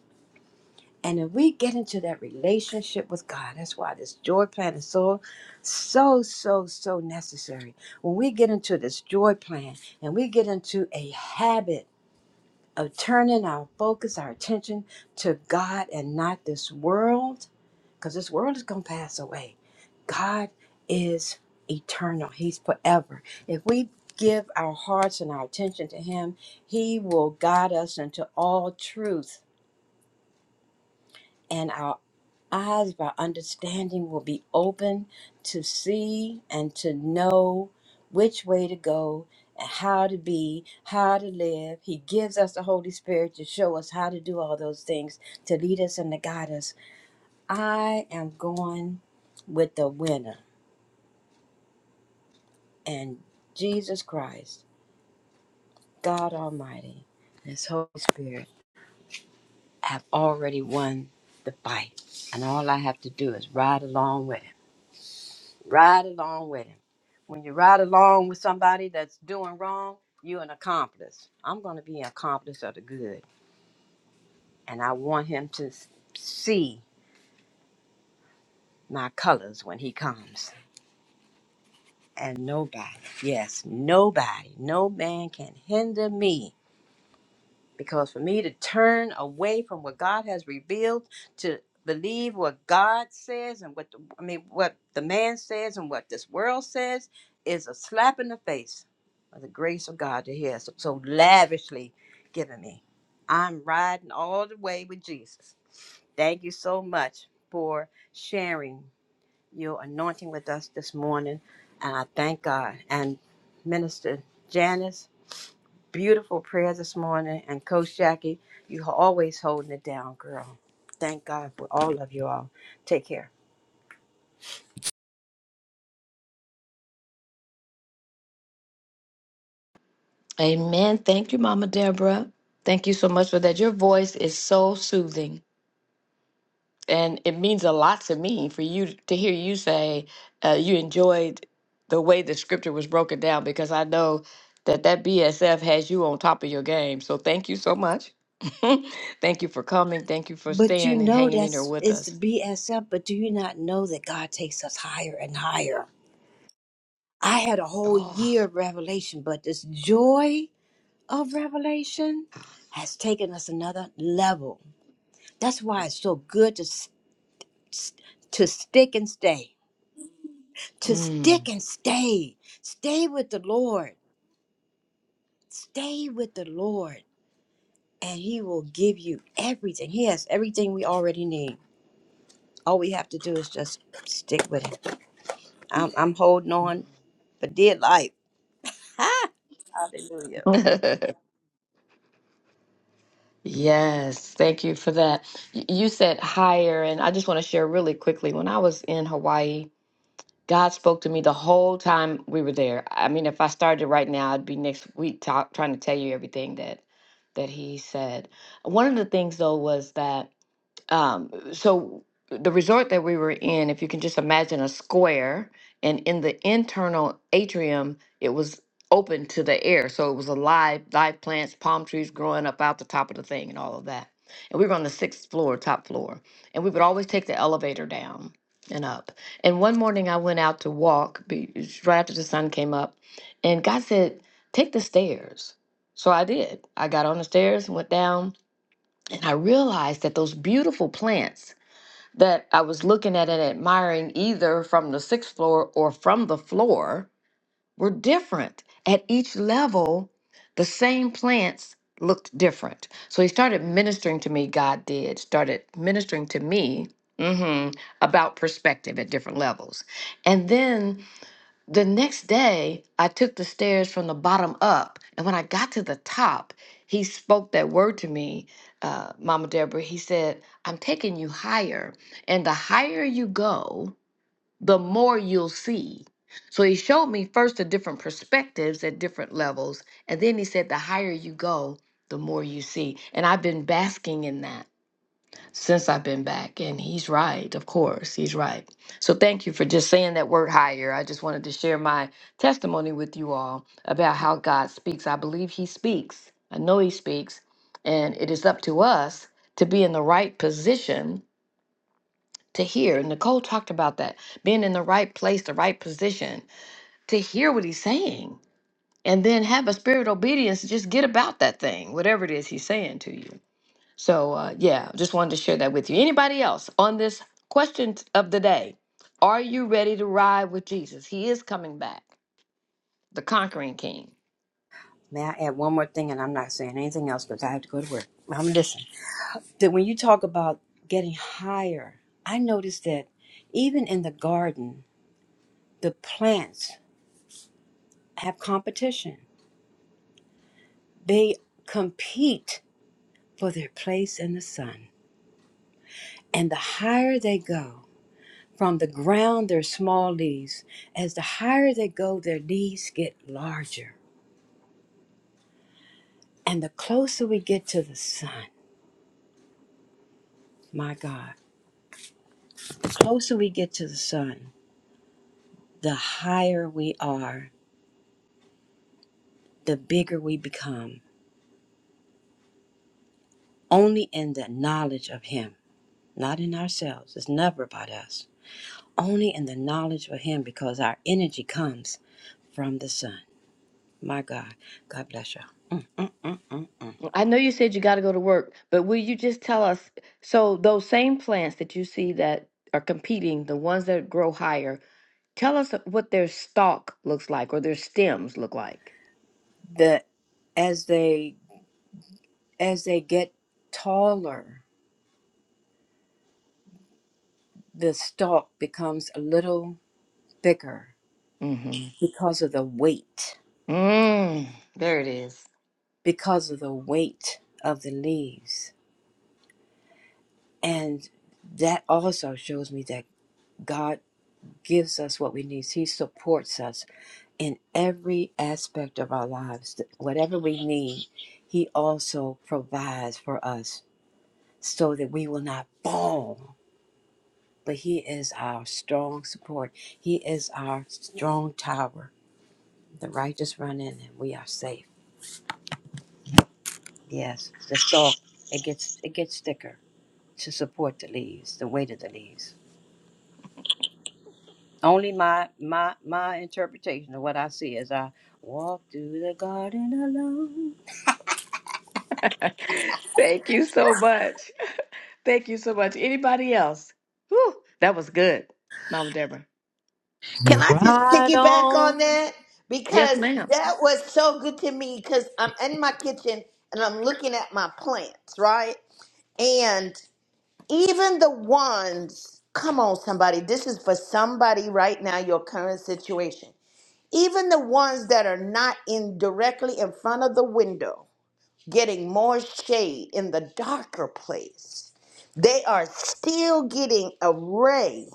And if we get into that relationship with God, that's why this joy plan is so, so, so, so necessary. When we get into this joy plan and we get into a habit of turning our focus, our attention to God and not this world, because this world is going to pass away. God is eternal, He's forever. If we give our hearts and our attention to Him, He will guide us into all truth. And our eyes of our understanding will be open to see and to know which way to go and how to be, how to live. He gives us the Holy Spirit to show us how to do all those things, to lead us and to guide us. I am going with the winner and Jesus Christ, God Almighty, and His Holy Spirit have already won the fight. And all I have to do is ride along with Him. Ride along with Him When you ride along with somebody that's doing wrong, you're an accomplice. I'm going to be an accomplice of the good. And I want him to s- see my colors when he comes. And nobody, yes, nobody, no man can hinder me Because for me to turn away from what God has revealed, to believe what God says and what the, I mean, what the man says and what this world says, is a slap in the face of the grace of God that He has so lavishly given me. I'm riding all the way with Jesus. Thank you so much for sharing your anointing with us this morning, and I thank God and Minister Janice. Beautiful prayer this morning. And Coach Jackie, you always holding it down, girl. Thank God for all of you all. Take care.
Amen. Thank you, Mama Deborah. Thank you so much for that. Your voice is so soothing. and it means a lot to me for you to hear you say uh, you enjoyed the way the scripture was broken down because I know that that BSF has you on top of your game. So thank you so much. thank you for coming. Thank you for
But you
staying and
know
hanging in there
that's
with
it's
us.
BSF, but do you not know that God takes us higher and higher? I had a whole
Oh,
year of revelation, but this joy of revelation has taken us another level. That's why it's so good to s- s- to stick and stay. To
mm.
stick and stay. Stay with the Lord. Stay with the Lord. and he will give you everything. He has everything we already need. All we have to do is just stick with it. I'm, I'm holding on for dear life. Hallelujah.
yes, thank you for that. Y- You said higher, and I just want to share really quickly. When I was in Hawaii, God spoke to me the whole time we were there. I mean, if I started right now, I'd be next week talk, trying to tell you everything that that he said. One of the things though was that um, so the resort that we were in, if you can just imagine a square, and in the internal atrium, it was open to the air, so it was alive, live plants, palm trees growing up out the top of the thing, and all of that. And we were on the sixth floor, top floor, and we would always take the elevator down and up. And one morning, I went out to walk be- right after the sun came up, and God said, "Take the stairs." So I did. I got on the stairs, went down, and I realized that those beautiful plants that I was looking at and admiring either from the sixth floor or from the floor were different. At each level, the same plants looked different. So he started ministering to me, God did, started ministering to me mhm, about perspective at different levels. And then the next day, I took the stairs from the bottom up, and when I got to the top, he spoke that word to me, uh, Mama Deborah. He said, I'm taking you higher, and the higher you go, the more you'll see. So he showed me first the different perspectives at different levels, and then he said, The higher you go, the more you see. And I've been basking in that since I've been back. And he's right, of course, he's right. So thank you for just saying that word higher. I just wanted to share my testimony with you all about how God speaks. I believe he speaks, I know he speaks, and it is up to us to be in the right position to hear. Nicole talked about that being in the right place, the right position to hear what he's saying. And then have a spirit of obedience, to just get about that thing, whatever it is he's saying to you. So uh, yeah, just wanted to share that with you. Anybody else on this question of the day? Are you ready to ride with Jesus? He is coming back, the conquering King.
May I add one more thing? And I'm not saying anything else because I have to go to work. I'm listening. That when you talk about getting higher, I noticed that even in the garden, the plants have competition. They compete for their place in the sun. And the higher they go, From the ground, they're small leaves. As the higher they go, their leaves get larger. And the closer we get to the sun, my God, closer we get to the sun, the higher we are, the bigger we become. Only in the knowledge of Him, not in ourselves. It's never about us. Only in the knowledge of Him because our energy comes from the sun. My God, God bless y'all. Mm, mm, mm, mm, mm.
I know you said you got to go to work, but will you just tell us? So those same plants that you see that are competing, the ones that grow higher, tell us what their stalk looks like or their stems look like.
The, as they As they get taller, the stalk becomes a little thicker
Mm-hmm.
because of the weight,
Mm, there it is.
because of the weight of the leaves. And that also shows me that God gives us what we need. He supports us in every aspect of our lives. Whatever we need, He also provides for us so that we will not fall. But He is our strong support, He is our strong tower The righteous run in and we are safe. Yes, the stalk it gets it gets thicker to support the leaves, the weight of the leaves. Only my my my interpretation of what I see as I walk through the garden alone.
Thank you so much. Thank you so much. Anybody else? Whew, that was good, Mama Deborah.
Can I just
Right
piggyback
on.
on that?
Yes,
Because
ma'am.
that was so good to me because I'm in my kitchen and I'm looking at my plants, right? And even the ones, come on, somebody, this is for somebody right now, your current situation. Even the ones that are not in directly in front of the window, getting more shade in the darker place, they are still getting a ray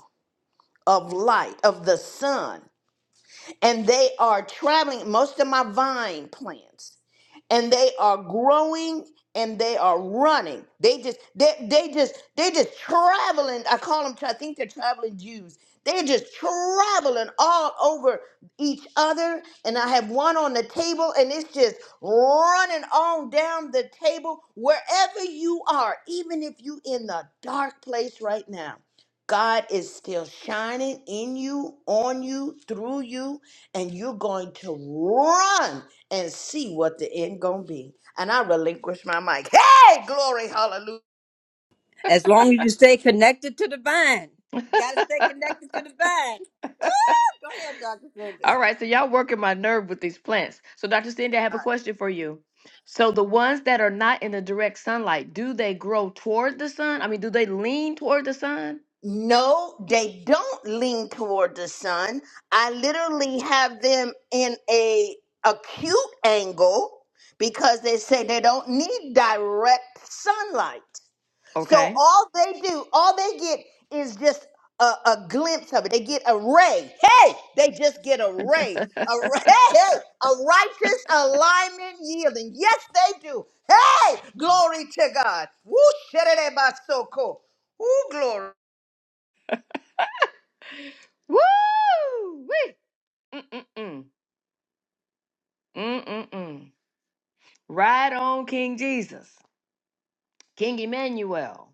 of light of the sun and they are traveling most of my vine plants and they are growing and they are running they just they, they just they just traveling i call them i think they're traveling jews they're just traveling all over each other and i have one on the table and it's just running on down the table wherever you are even if you in the dark place right now god is still shining in you on you through you and you're going to run and see what the end gonna be. And I relinquish my mic. Hey, glory, hallelujah.
As long as you stay connected to the vine, gotta stay connected to the vine. Go ahead, Doctor Cindy.
All right, so y'all working my nerve with these plants. So, Dr. Cindy, I have a question for you. So, the ones that are not in the direct sunlight, do they grow toward the sun? I mean, do they lean toward the sun?
No, they don't lean toward the sun. I literally have them in a acute angle because they say they don't need direct sunlight. So
Okay.
all they do, all they get is just a, a glimpse of it. They get a ray. Hey, they just get a ray. A ray, hey, hey, a righteous alignment yielding. Yes, they do. Hey, glory to God. Woo, sherereba Woo, glory.
Woo! Wee! Mm-mm-mm. Mm-mm-mm. Right on, King Jesus, King Emmanuel.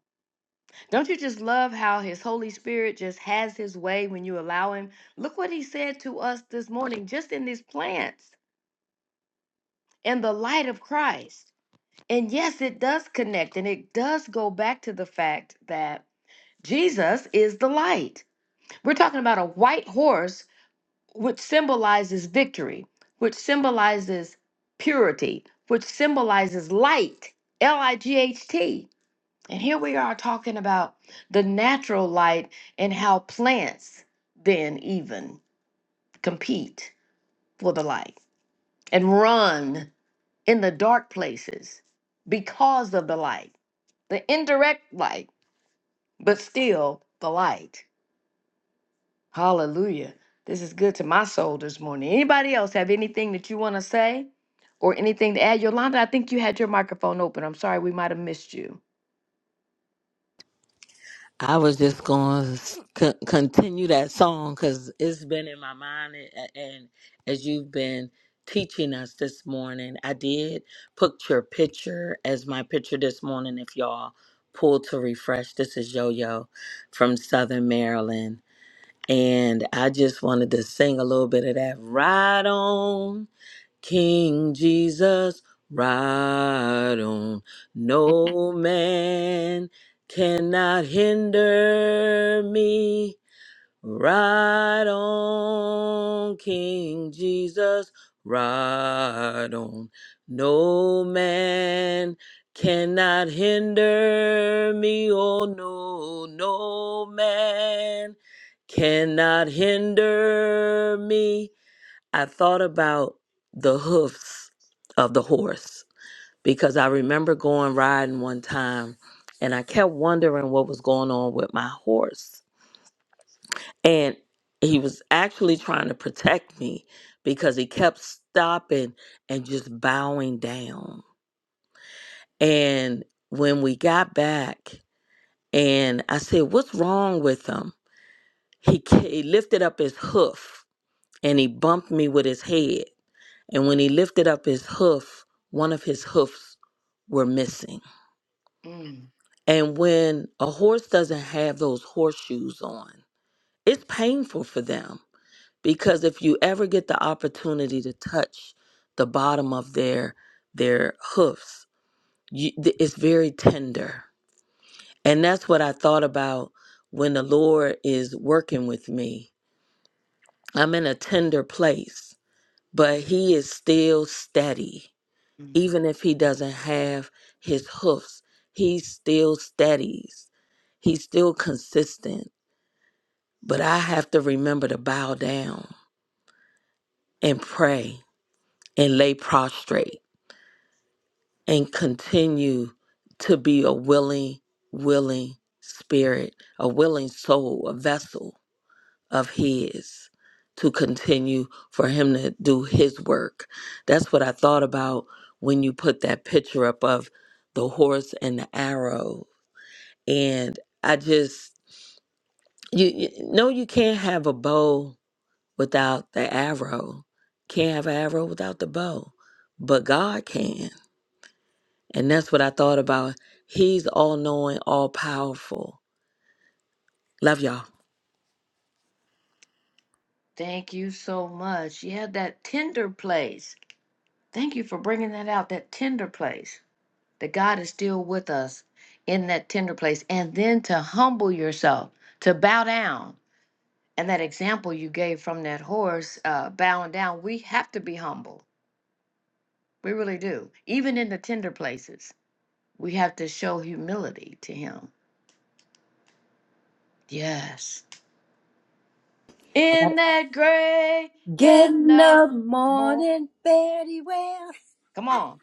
Don't you just love how his Holy Spirit just has his way when you allow him? Look what he said to us this morning, just in these plants, in the light of Christ. And yes, it does connect and it does go back to the fact that Jesus is the light. We're talking about a white horse, which symbolizes victory, which symbolizes purity, which symbolizes light, L I G H T. And here we are talking about the natural light and how plants then even compete for the light and run in the dark places because of the light, the indirect light, but still the light. Hallelujah. This is good to my soul this morning. Anybody else have anything that you want to say or anything to add? Yolanda, I think you had your microphone open. I'm sorry we might have missed you.
I was just going to c- continue that song because it's been in my mind. a- And as you've been teaching us this morning, I did put your picture as my picture this morning. If y'all pull to refresh, this is Yo Yo from Southern Maryland. And I just wanted to sing a little bit of that. Right on. King Jesus, ride on. No man cannot hinder me. Ride on, King Jesus, ride on. No man cannot hinder me. Oh, no, no man cannot hinder me I thought about the hoofs of the horse because I remember going riding one time and I kept wondering what was going on with my horse. And he was actually trying to protect me because he kept stopping and just bowing down. And when we got back and I said, What's wrong with him? He, ca- he lifted up his hoof and he bumped me with his head. And when he lifted up his hoof, one of his hoofs were missing.
Mm,
And when a horse doesn't have those horseshoes on, it's painful for them because if you ever get the opportunity to touch the bottom of their their hoofs, you, th- it's very tender. And that's what I thought about when the Lord is working with me. I'm in a tender place, but
mm,
he is still steady
mm.
Even if he doesn't have his hoofs, he still steadies. He's still consistent. But I have to remember to bow down and pray and lay prostrate and continue to be a willing, willing spirit, a willing soul, a vessel of His to continue for Him to do His work. That's what I thought about when you put that picture up of the horse and the arrows and I just you, you no, you can't have a bow without the arrow. Can't have an arrow without the bow, but God can, and that's what I thought about. He's all knowing, all powerful. Love y'all.
Thank you so much. Yeah, that tender place. Thank you for bringing that out, that tender place. That God is still with us in that tender place. And then to humble yourself, to bow down. And that example you gave from that horse uh, bowing down, we have to be humble. We really do. Even in the tender places, we have to show humility to Him. Yes.
I got
In that great,
it. Get
get
in
up
the
more.
morning, fairly well.
Come on.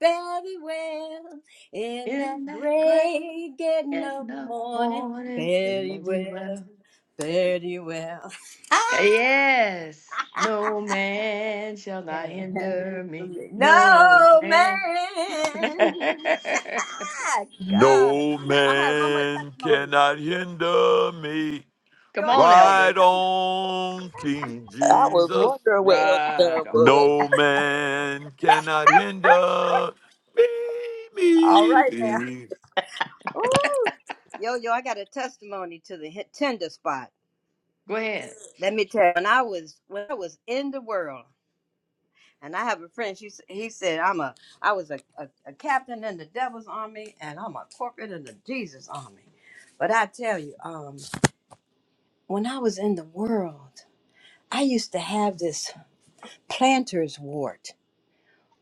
very well in
In
that
that grave.
gray getting
in
up
the
morning.
morning, fairly
Very well,
well.
very well.
Yes, no man shall not
Can't handle
hinder me.
it.
No
no
man.
man. God.
No
I have one more
man
testimony.
cannot hinder me.
Go
Come on,
ahead.
Right
Elder.
on, King
I was
Jesus.
wondering where Elder
Right
Durham
on.
was.
No man cannot hinder me.
All
me,
right now.
me.
Ooh. Yo, yo, I got a testimony to the hit- tender spot.
Go ahead.
Let me tell you, when I was when I was in the world. And I have a friend. She s- he said I'm a I was a, a, a captain in the devil's army, and I'm a corporate in the Jesus army. But I tell you, um, when I was in the world, I used to have this planter's wart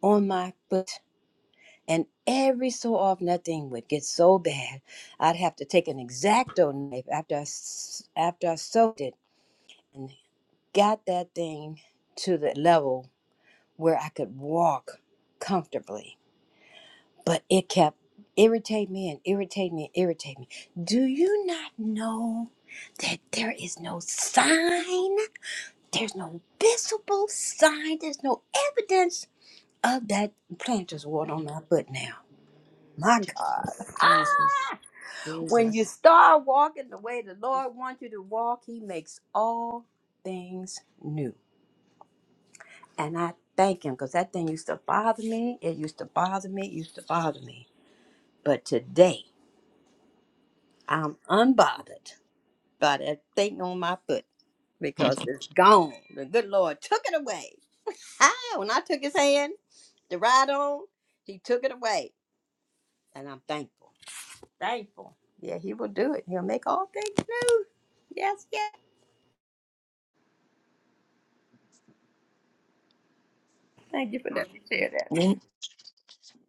on my foot, and every so often that thing would get so bad, I'd have to take an exacto knife after I s- after I soaked it and got that thing to the level where I could walk comfortably but it kept irritate me and irritate me and irritate me. Do you not know that there is no sign? There's no visible sign. There's no evidence of that planter's wart on
Mm,
my foot now. My God.
Jesus, Jesus,
Ah! When you
Jesus.
start walking the way the Lord wants you to walk, He makes all things new. And I thank Him because that thing used to bother me. It used to bother me. It used to bother me. But today, I'm unbothered by that thing on my foot because it's gone. The good Lord took it away. Ah, when I took his hand to ride on, he took it away. And I'm thankful. Thankful. Yeah, he will do it. He'll make all things new. Yes, yes. Thank you for letting me share that.
Me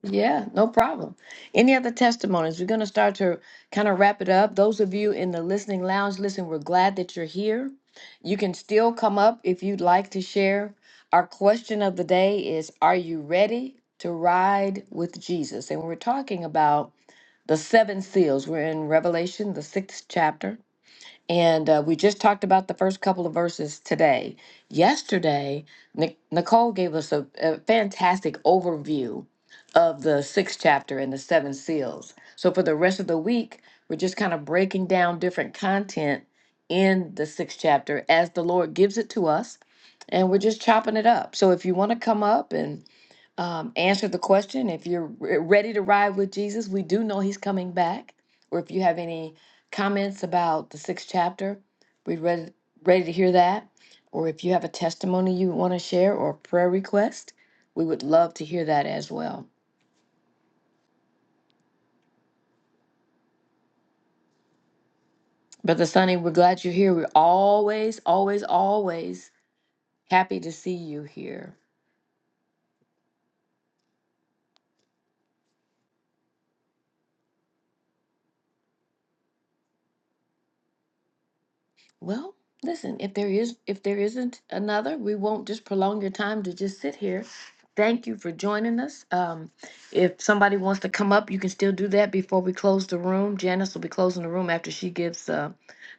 Yeah, no problem. Any other testimonies? We're going to start to kind of wrap it up. Those of you in the listening lounge, listen, we're glad that you're here. You can still come up if you'd like to share. Our question of the day is Are you ready to ride with Jesus? And we're talking about the seven seals. We're in Revelation, the sixth chapter. And uh, we just talked about the first couple of verses today. Yesterday, Nic- Nicole gave us a, a fantastic overview of the sixth chapter and the seven seals. So for the rest of the week, we're just kind of breaking down different content in the sixth chapter as the Lord gives it to us. And we're just chopping it up. So if you want to come up and um, answer the question. If you're re- ready to ride with Jesus, we do know he's coming back. Or if you have any comments about the sixth chapter, we're ready, ready to hear that. Or if you have a testimony you want to share or a prayer request, we would love to hear that as well. Brother Sonny, we're glad you're here. We're always, always, always happy to see you here. Well, listen, if there is if there isn't another, we won't just prolong your time to just sit here. Thank you for joining us. Um, if somebody wants to come up, you can still do that before we close the room. Janice will be closing the room after she gives uh,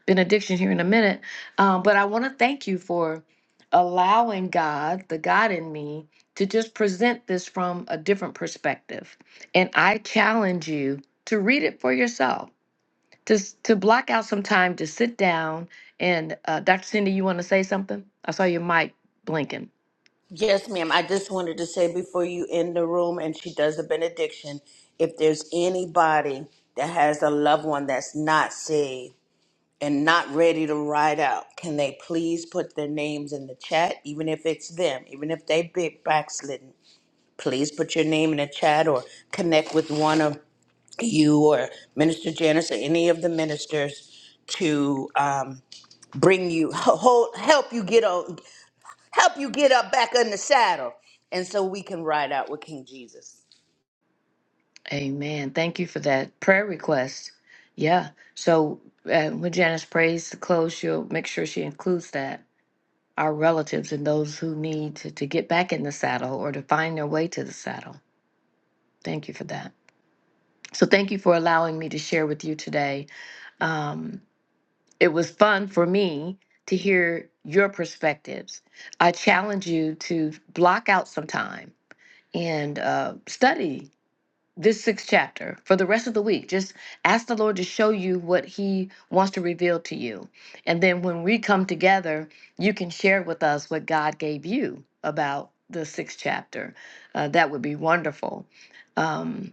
benediction here in a minute. Um, but I want to thank you for allowing God, the God in me, to just present this from a different perspective. And I challenge you to read it for yourself to s- to block out some time to sit down and uh, Dr. Cindy, you want to say something? I saw your mic blinking.
Yes, ma'am. I just wanted to say before you end the room and she does the benediction, if there's anybody that has a loved one that's not saved, and not ready to ride out, can they please put their names in the chat, even if it's them, even if they big backslidden? Please put your name in the chat or connect with one of you or Minister Janice or any of the ministers to um, bring you hold, help you get on, help you get up back in the saddle, and so we can ride out with King Jesus.
Amen. Thank you for that prayer request. Yeah. So uh, when Janice prays to close, she'll make sure she includes that our relatives and those who need to, to get back in the saddle or to find their way to the saddle. Thank you for that. So thank you for allowing me to share with you today. Um, It was fun for me to hear your perspectives. I challenge you to block out some time and uh, study this sixth chapter for the rest of the week. Just ask the Lord to show you what He wants to reveal to you. And then when we come together, you can share with us what God gave you about the sixth chapter. Uh, that would be wonderful. Um,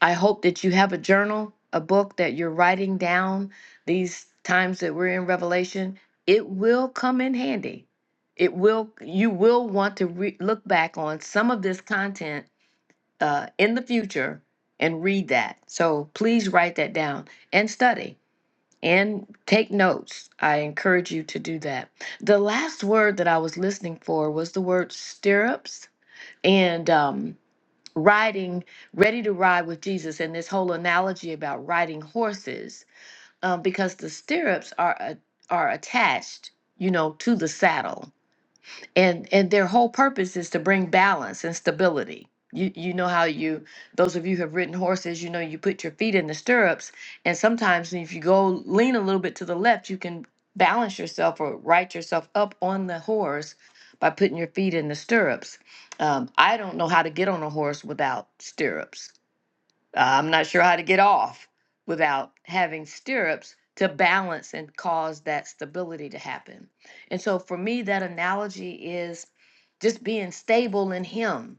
I hope that you have a journal, a book that you're writing down these times that we're in Revelation. It will come in handy. It will, you will want to re- look back on some of this content uh, in the future and read that. So please write that down and study and take notes. I encourage you to do that. The last word that I was listening for was the word stirrups. And um, riding, ready to ride with Jesus, and this whole analogy about riding horses, um, because the stirrups are a- are attached, you know, to the saddle and and their whole purpose is to bring balance and stability you you know how you those of you who have ridden horses you know you put your feet in the stirrups and sometimes if you go lean a little bit to the left you can balance yourself or right yourself up on the horse by putting your feet in the stirrups um, i don't know how to get on a horse without stirrups I'm not sure how to get off without having stirrups to balance and cause that stability to happen. And so for me, that analogy is just being stable in Him.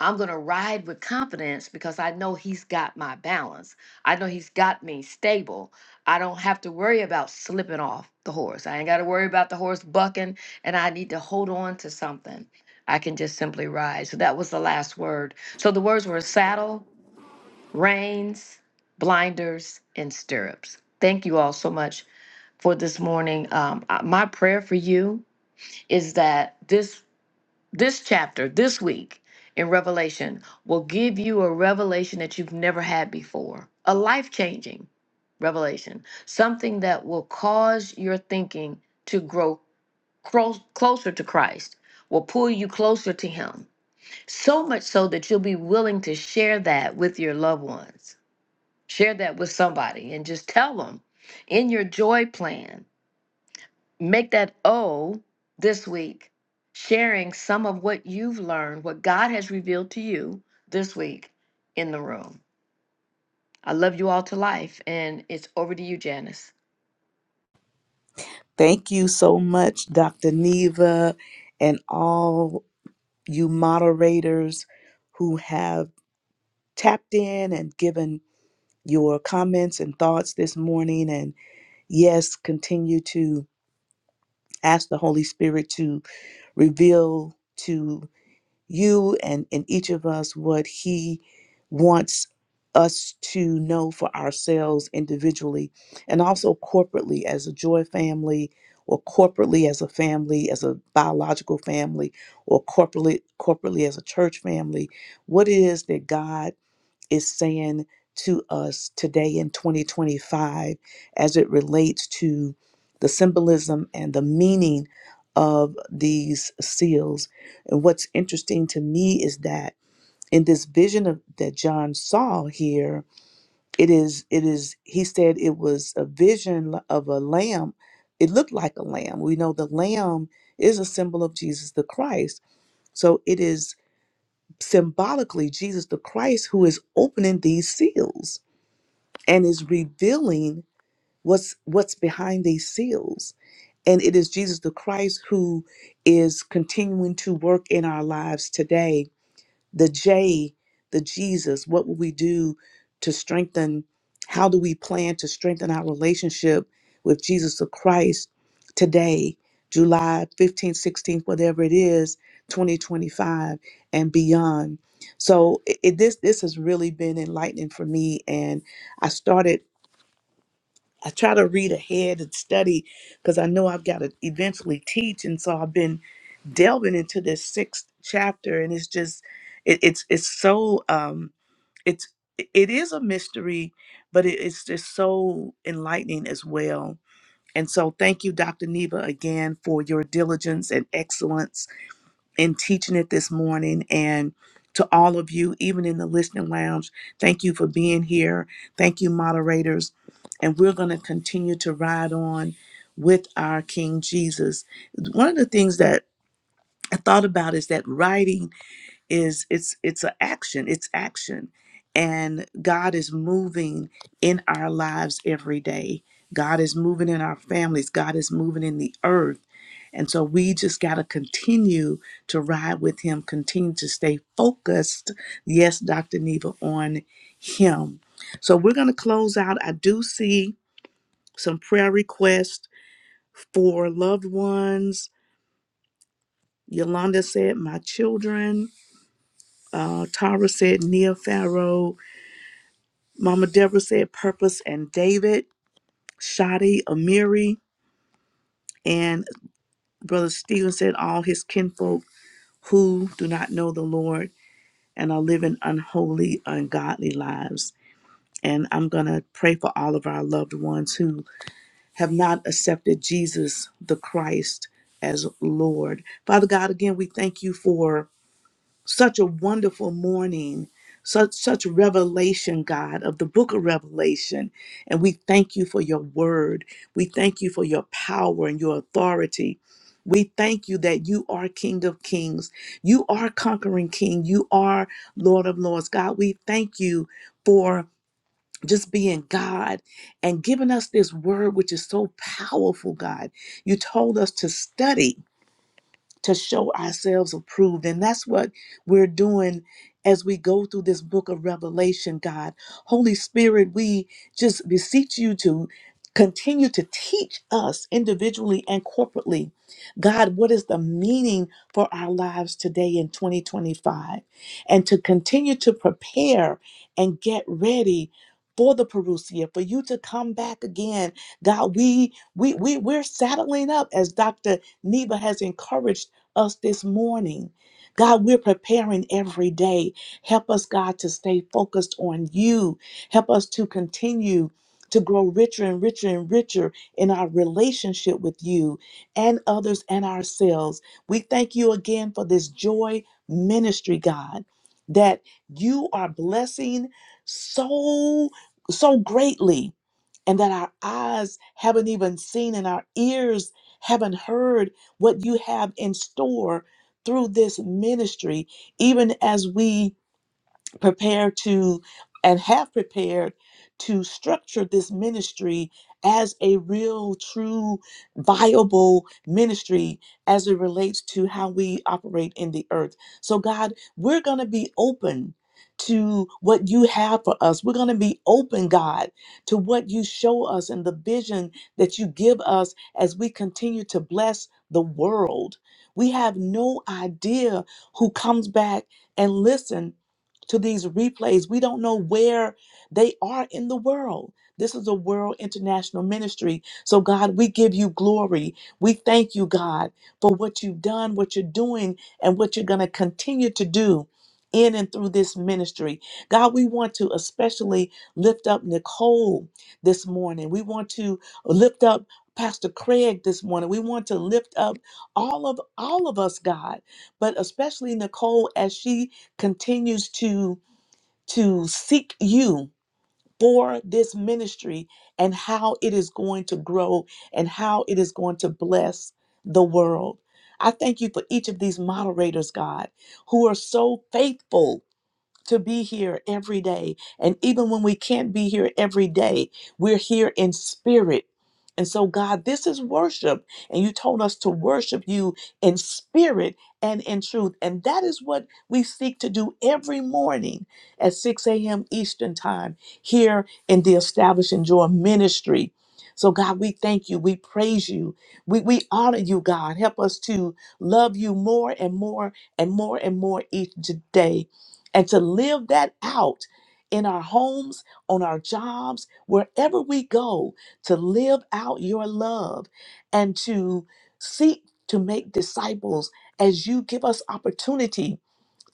I'm going to ride with confidence because I know He's got my balance. I know He's got me stable. I don't have to worry about slipping off the horse. I ain't got to worry about the horse bucking and I need to hold on to something. I can just simply ride. So that was the last word. So the words were saddle, reins, blinders, and stirrups. Thank you all so much for this morning. Um, uh, my prayer for you is that this this chapter this week in Revelation will give you a revelation that you've never had before, a life changing revelation, something that will cause your thinking to grow cro- closer to Christ, will pull you closer to Him, so much so that you'll be willing to share that with your loved ones Share that with somebody and just tell them in your joy plan, make that O this week, sharing some of what you've learned, what God has revealed to you this week in the room. I love you all to life, and it's over to you, Janice.
Thank you so much, Dr. Neva, and all you moderators who have tapped in and given your comments and thoughts this morning. And yes, continue to ask the Holy Spirit to reveal to you and in each of us what he wants us to know for ourselves individually and also corporately as a joy family or corporately as a family as a biological family or corporately corporately as a church family what it is that god is saying to us today in 2025 as it relates to the symbolism and the meaning of these seals. And what's interesting to me is that in this vision of, that John saw here, it is it is he said it was a vision of a lamb. It looked like a lamb. We know the lamb is a symbol of Jesus the Christ. So it is symbolically Jesus the Christ who is opening these seals and is revealing what's what's behind these seals and it is jesus the christ who is continuing to work in our lives today the j the jesus what will we do to strengthen how do we plan to strengthen our relationship with jesus the christ today july 15th 16th whatever it is 2025 and beyond so it, it- this this has really been enlightening for me and i started I try to read ahead and study because I know I've got to eventually teach, and so I've been delving into this sixth chapter, and it's just it, it's it's so um it's it is a mystery, but it, it's just so enlightening as well. And so, thank you, Dr. Neva, again for your diligence and excellence in teaching it this morning and to all of you, even in the listening lounge, thank you for being here. Thank you, moderators. And we're going to continue to ride on with our King Jesus. One of the things that I thought about is that writing is it's it's an action it's action and god is moving in our lives every day god is moving in our families god is moving in the earth and so we just got to continue to ride with him continue to stay focused yes dr neva on him so we're going to close out i do see some prayer requests for loved ones yolanda said my children uh, Tara said Nia Mama Deborah said Purpose and David, Shadi, Amiri, and Brother Stephen said all his kinfolk who do not know the Lord and are living unholy, ungodly lives. And I'm going to pray for all of our loved ones who have not accepted Jesus the Christ as Lord. Father God, again, we thank you for. such a wonderful morning, such such revelation, God, of the book of Revelation. And we thank you for your word. We thank you for your power and your authority. We thank you that you are King of Kings. You are conquering King. You are Lord of Lords. God, we thank you for just being God and giving us this word, which is so powerful, God. You told us to study to show ourselves approved. And that's what we're doing as we go through this book of Revelation, God. Holy Spirit, we just beseech you to continue to teach us individually and corporately, God, what is the meaning for our lives today in 2025? And to continue to prepare and get ready. For the Perusia, for you to come back again, God, we we we we're saddling up as Dr. Neva has encouraged us this morning. God, we're preparing every day. Help us, God, to stay focused on you. Help us to continue to grow richer and richer and richer in our relationship with you and others and ourselves. We thank you again for this joy ministry, God, that you are blessing so, so greatly and that our eyes haven't even seen and our ears haven't heard what you have in store through this ministry, even as we prepare to and have prepared to structure this ministry as a real, true, viable ministry as it relates to how we operate in the earth. So, God, we're going to be open to what you have for us. We're going to be open, God, to what you show us and the vision that you give us as we continue to bless the world. We have no idea who comes back and listen to these replays. We don't know where they are in the world. This is a world international ministry. So, God, we give you glory. We thank you, God, for what you've done, what you're doing, and what you're going to continue to do in and through this ministry. God, we want to especially lift up Nicole this morning. We want to lift up Pastor Craig this morning. We want to lift up all of all of us, God, but especially Nicole as she continues to to seek you for this ministry and how it is going to grow and how it is going to bless the world. I thank you for each of these moderators, God, who are so faithful to be here every day. And even when we can't be here every day, we're here in spirit. And so, God, this is worship. And you told us to worship you in spirit and in truth. And that is what we seek to do every morning at 6 a.m. Eastern Time here in the Establishing Joy Ministry. So, God, we thank you. We praise you. We, we honor you, God. Help us to love you more and more and more and more each day and to live that out in our homes, on our jobs, wherever we go, to live out your love and to seek to make disciples as you give us opportunity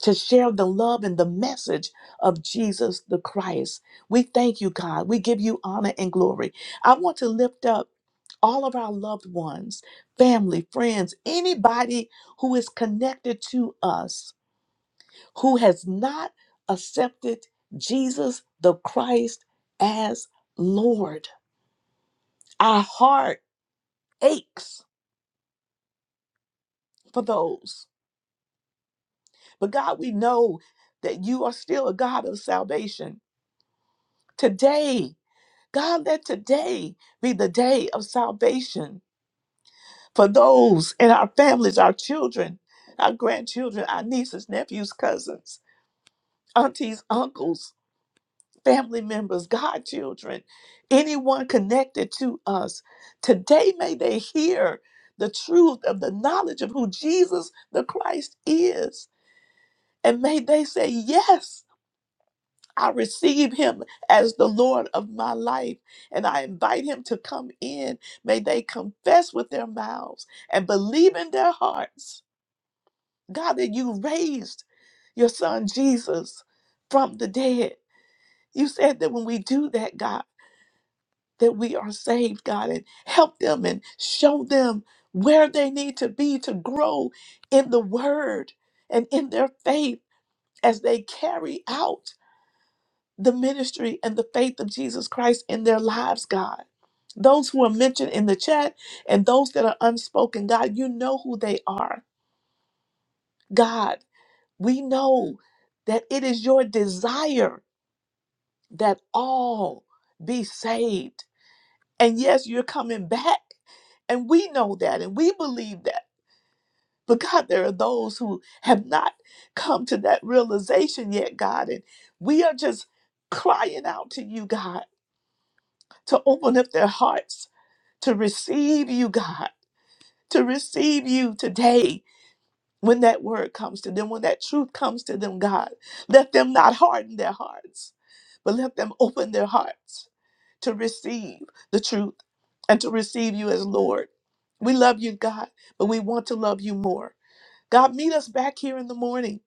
to share the love and the message of Jesus the Christ. We thank you, God. We give you honor and glory. I want to lift up all of our loved ones, family, friends, anybody who is connected to us who has not accepted Jesus the Christ as Lord. Our heart aches for those. But God, we know that you are still a God of salvation. Today, God, let today be the day of salvation for those in our families, our children, our grandchildren, our nieces, nephews, cousins, aunties, uncles family members, godchildren, anyone connected to us. Today, may they hear the truth of the knowledge of who Jesus the Christ is. And may they say, Yes, I receive him as the Lord of my life. And I invite him to come in. May they confess with their mouths and believe in their hearts, God, that you raised your son Jesus from the dead. You said that when we do that, God, that we are saved, God, and help them and show them where they need to be to grow in the word and in their faith as they carry out the ministry and the faith of Jesus Christ in their lives, God. Those who are mentioned in the chat and those that are unspoken, God, you know who they are. God, we know that it is your desire that all be saved And yes, you're coming back. And we know that and we believe that. But God, there are those who have not come to that realization yet, God. And we are just crying out to you, God, to open up their hearts, to receive you, God, to receive you today. When that word comes to them, when that truth comes to them, God, let them not harden their hearts, but let them open their hearts to receive the truth and to receive you as Lord. We love you, God, but we want to love you more. God, meet us back here in the morning.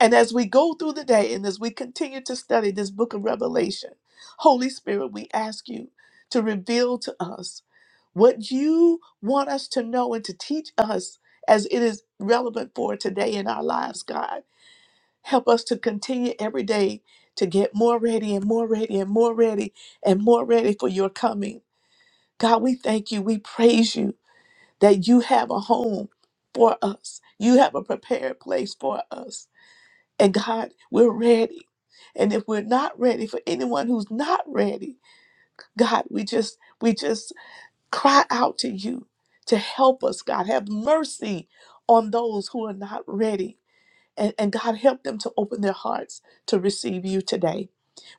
And as we go through the day and as we continue to study this book of Revelation, Holy Spirit, we ask you to reveal to us what you want us to know and to teach us as it is relevant for today in our lives, God. Help us to continue every day to get more ready and more ready and more ready and more ready for your coming. God, we thank you. We praise you. that you have a home for us. You have a prepared place for us. And God, we're ready. And if we're not ready for anyone who's not ready, God, we just we just cry out to you to help us, God. Have mercy on those who are not ready. And, and God, help them to open their hearts to receive you today.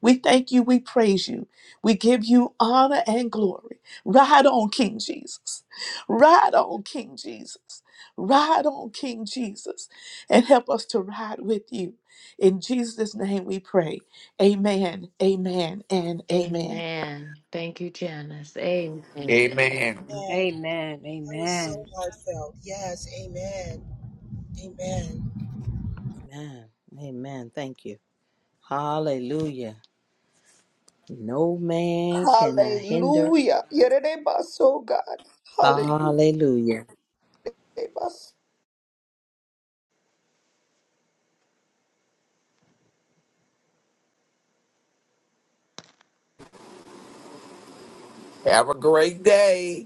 We thank you. We praise you. We give you honor and glory. Ride on, King Jesus. Ride on, King Jesus. Ride on, King Jesus. And help us to ride with you. In Jesus' name we pray. Amen, amen, and amen.
Amen. Thank you, Janice. Amen.
Amen.
And that
Amen.
was so
Amen.
heartfelt. Yes, amen. Amen.
Amen. Amen. Thank you. Hallelujah. No man can I hinder.
Hallelujah. Yerere baso God.
Hallelujah.
Have a great day.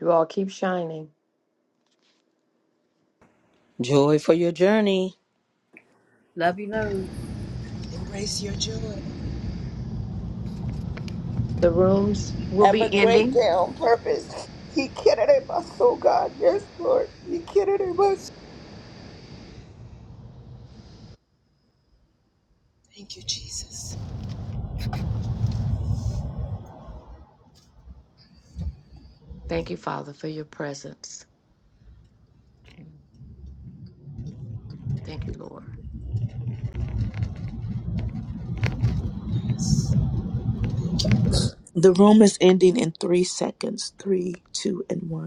You all keep shining.
Joy for your journey.
Love you, love.
The rooms will
Have a
be
great day
ending.
on purpose. He can't have us, oh God. Yes, Lord. He can't have us.
Thank you, Father, for your presence. Thank you, Lord.
The room is ending in three seconds three, two, and one.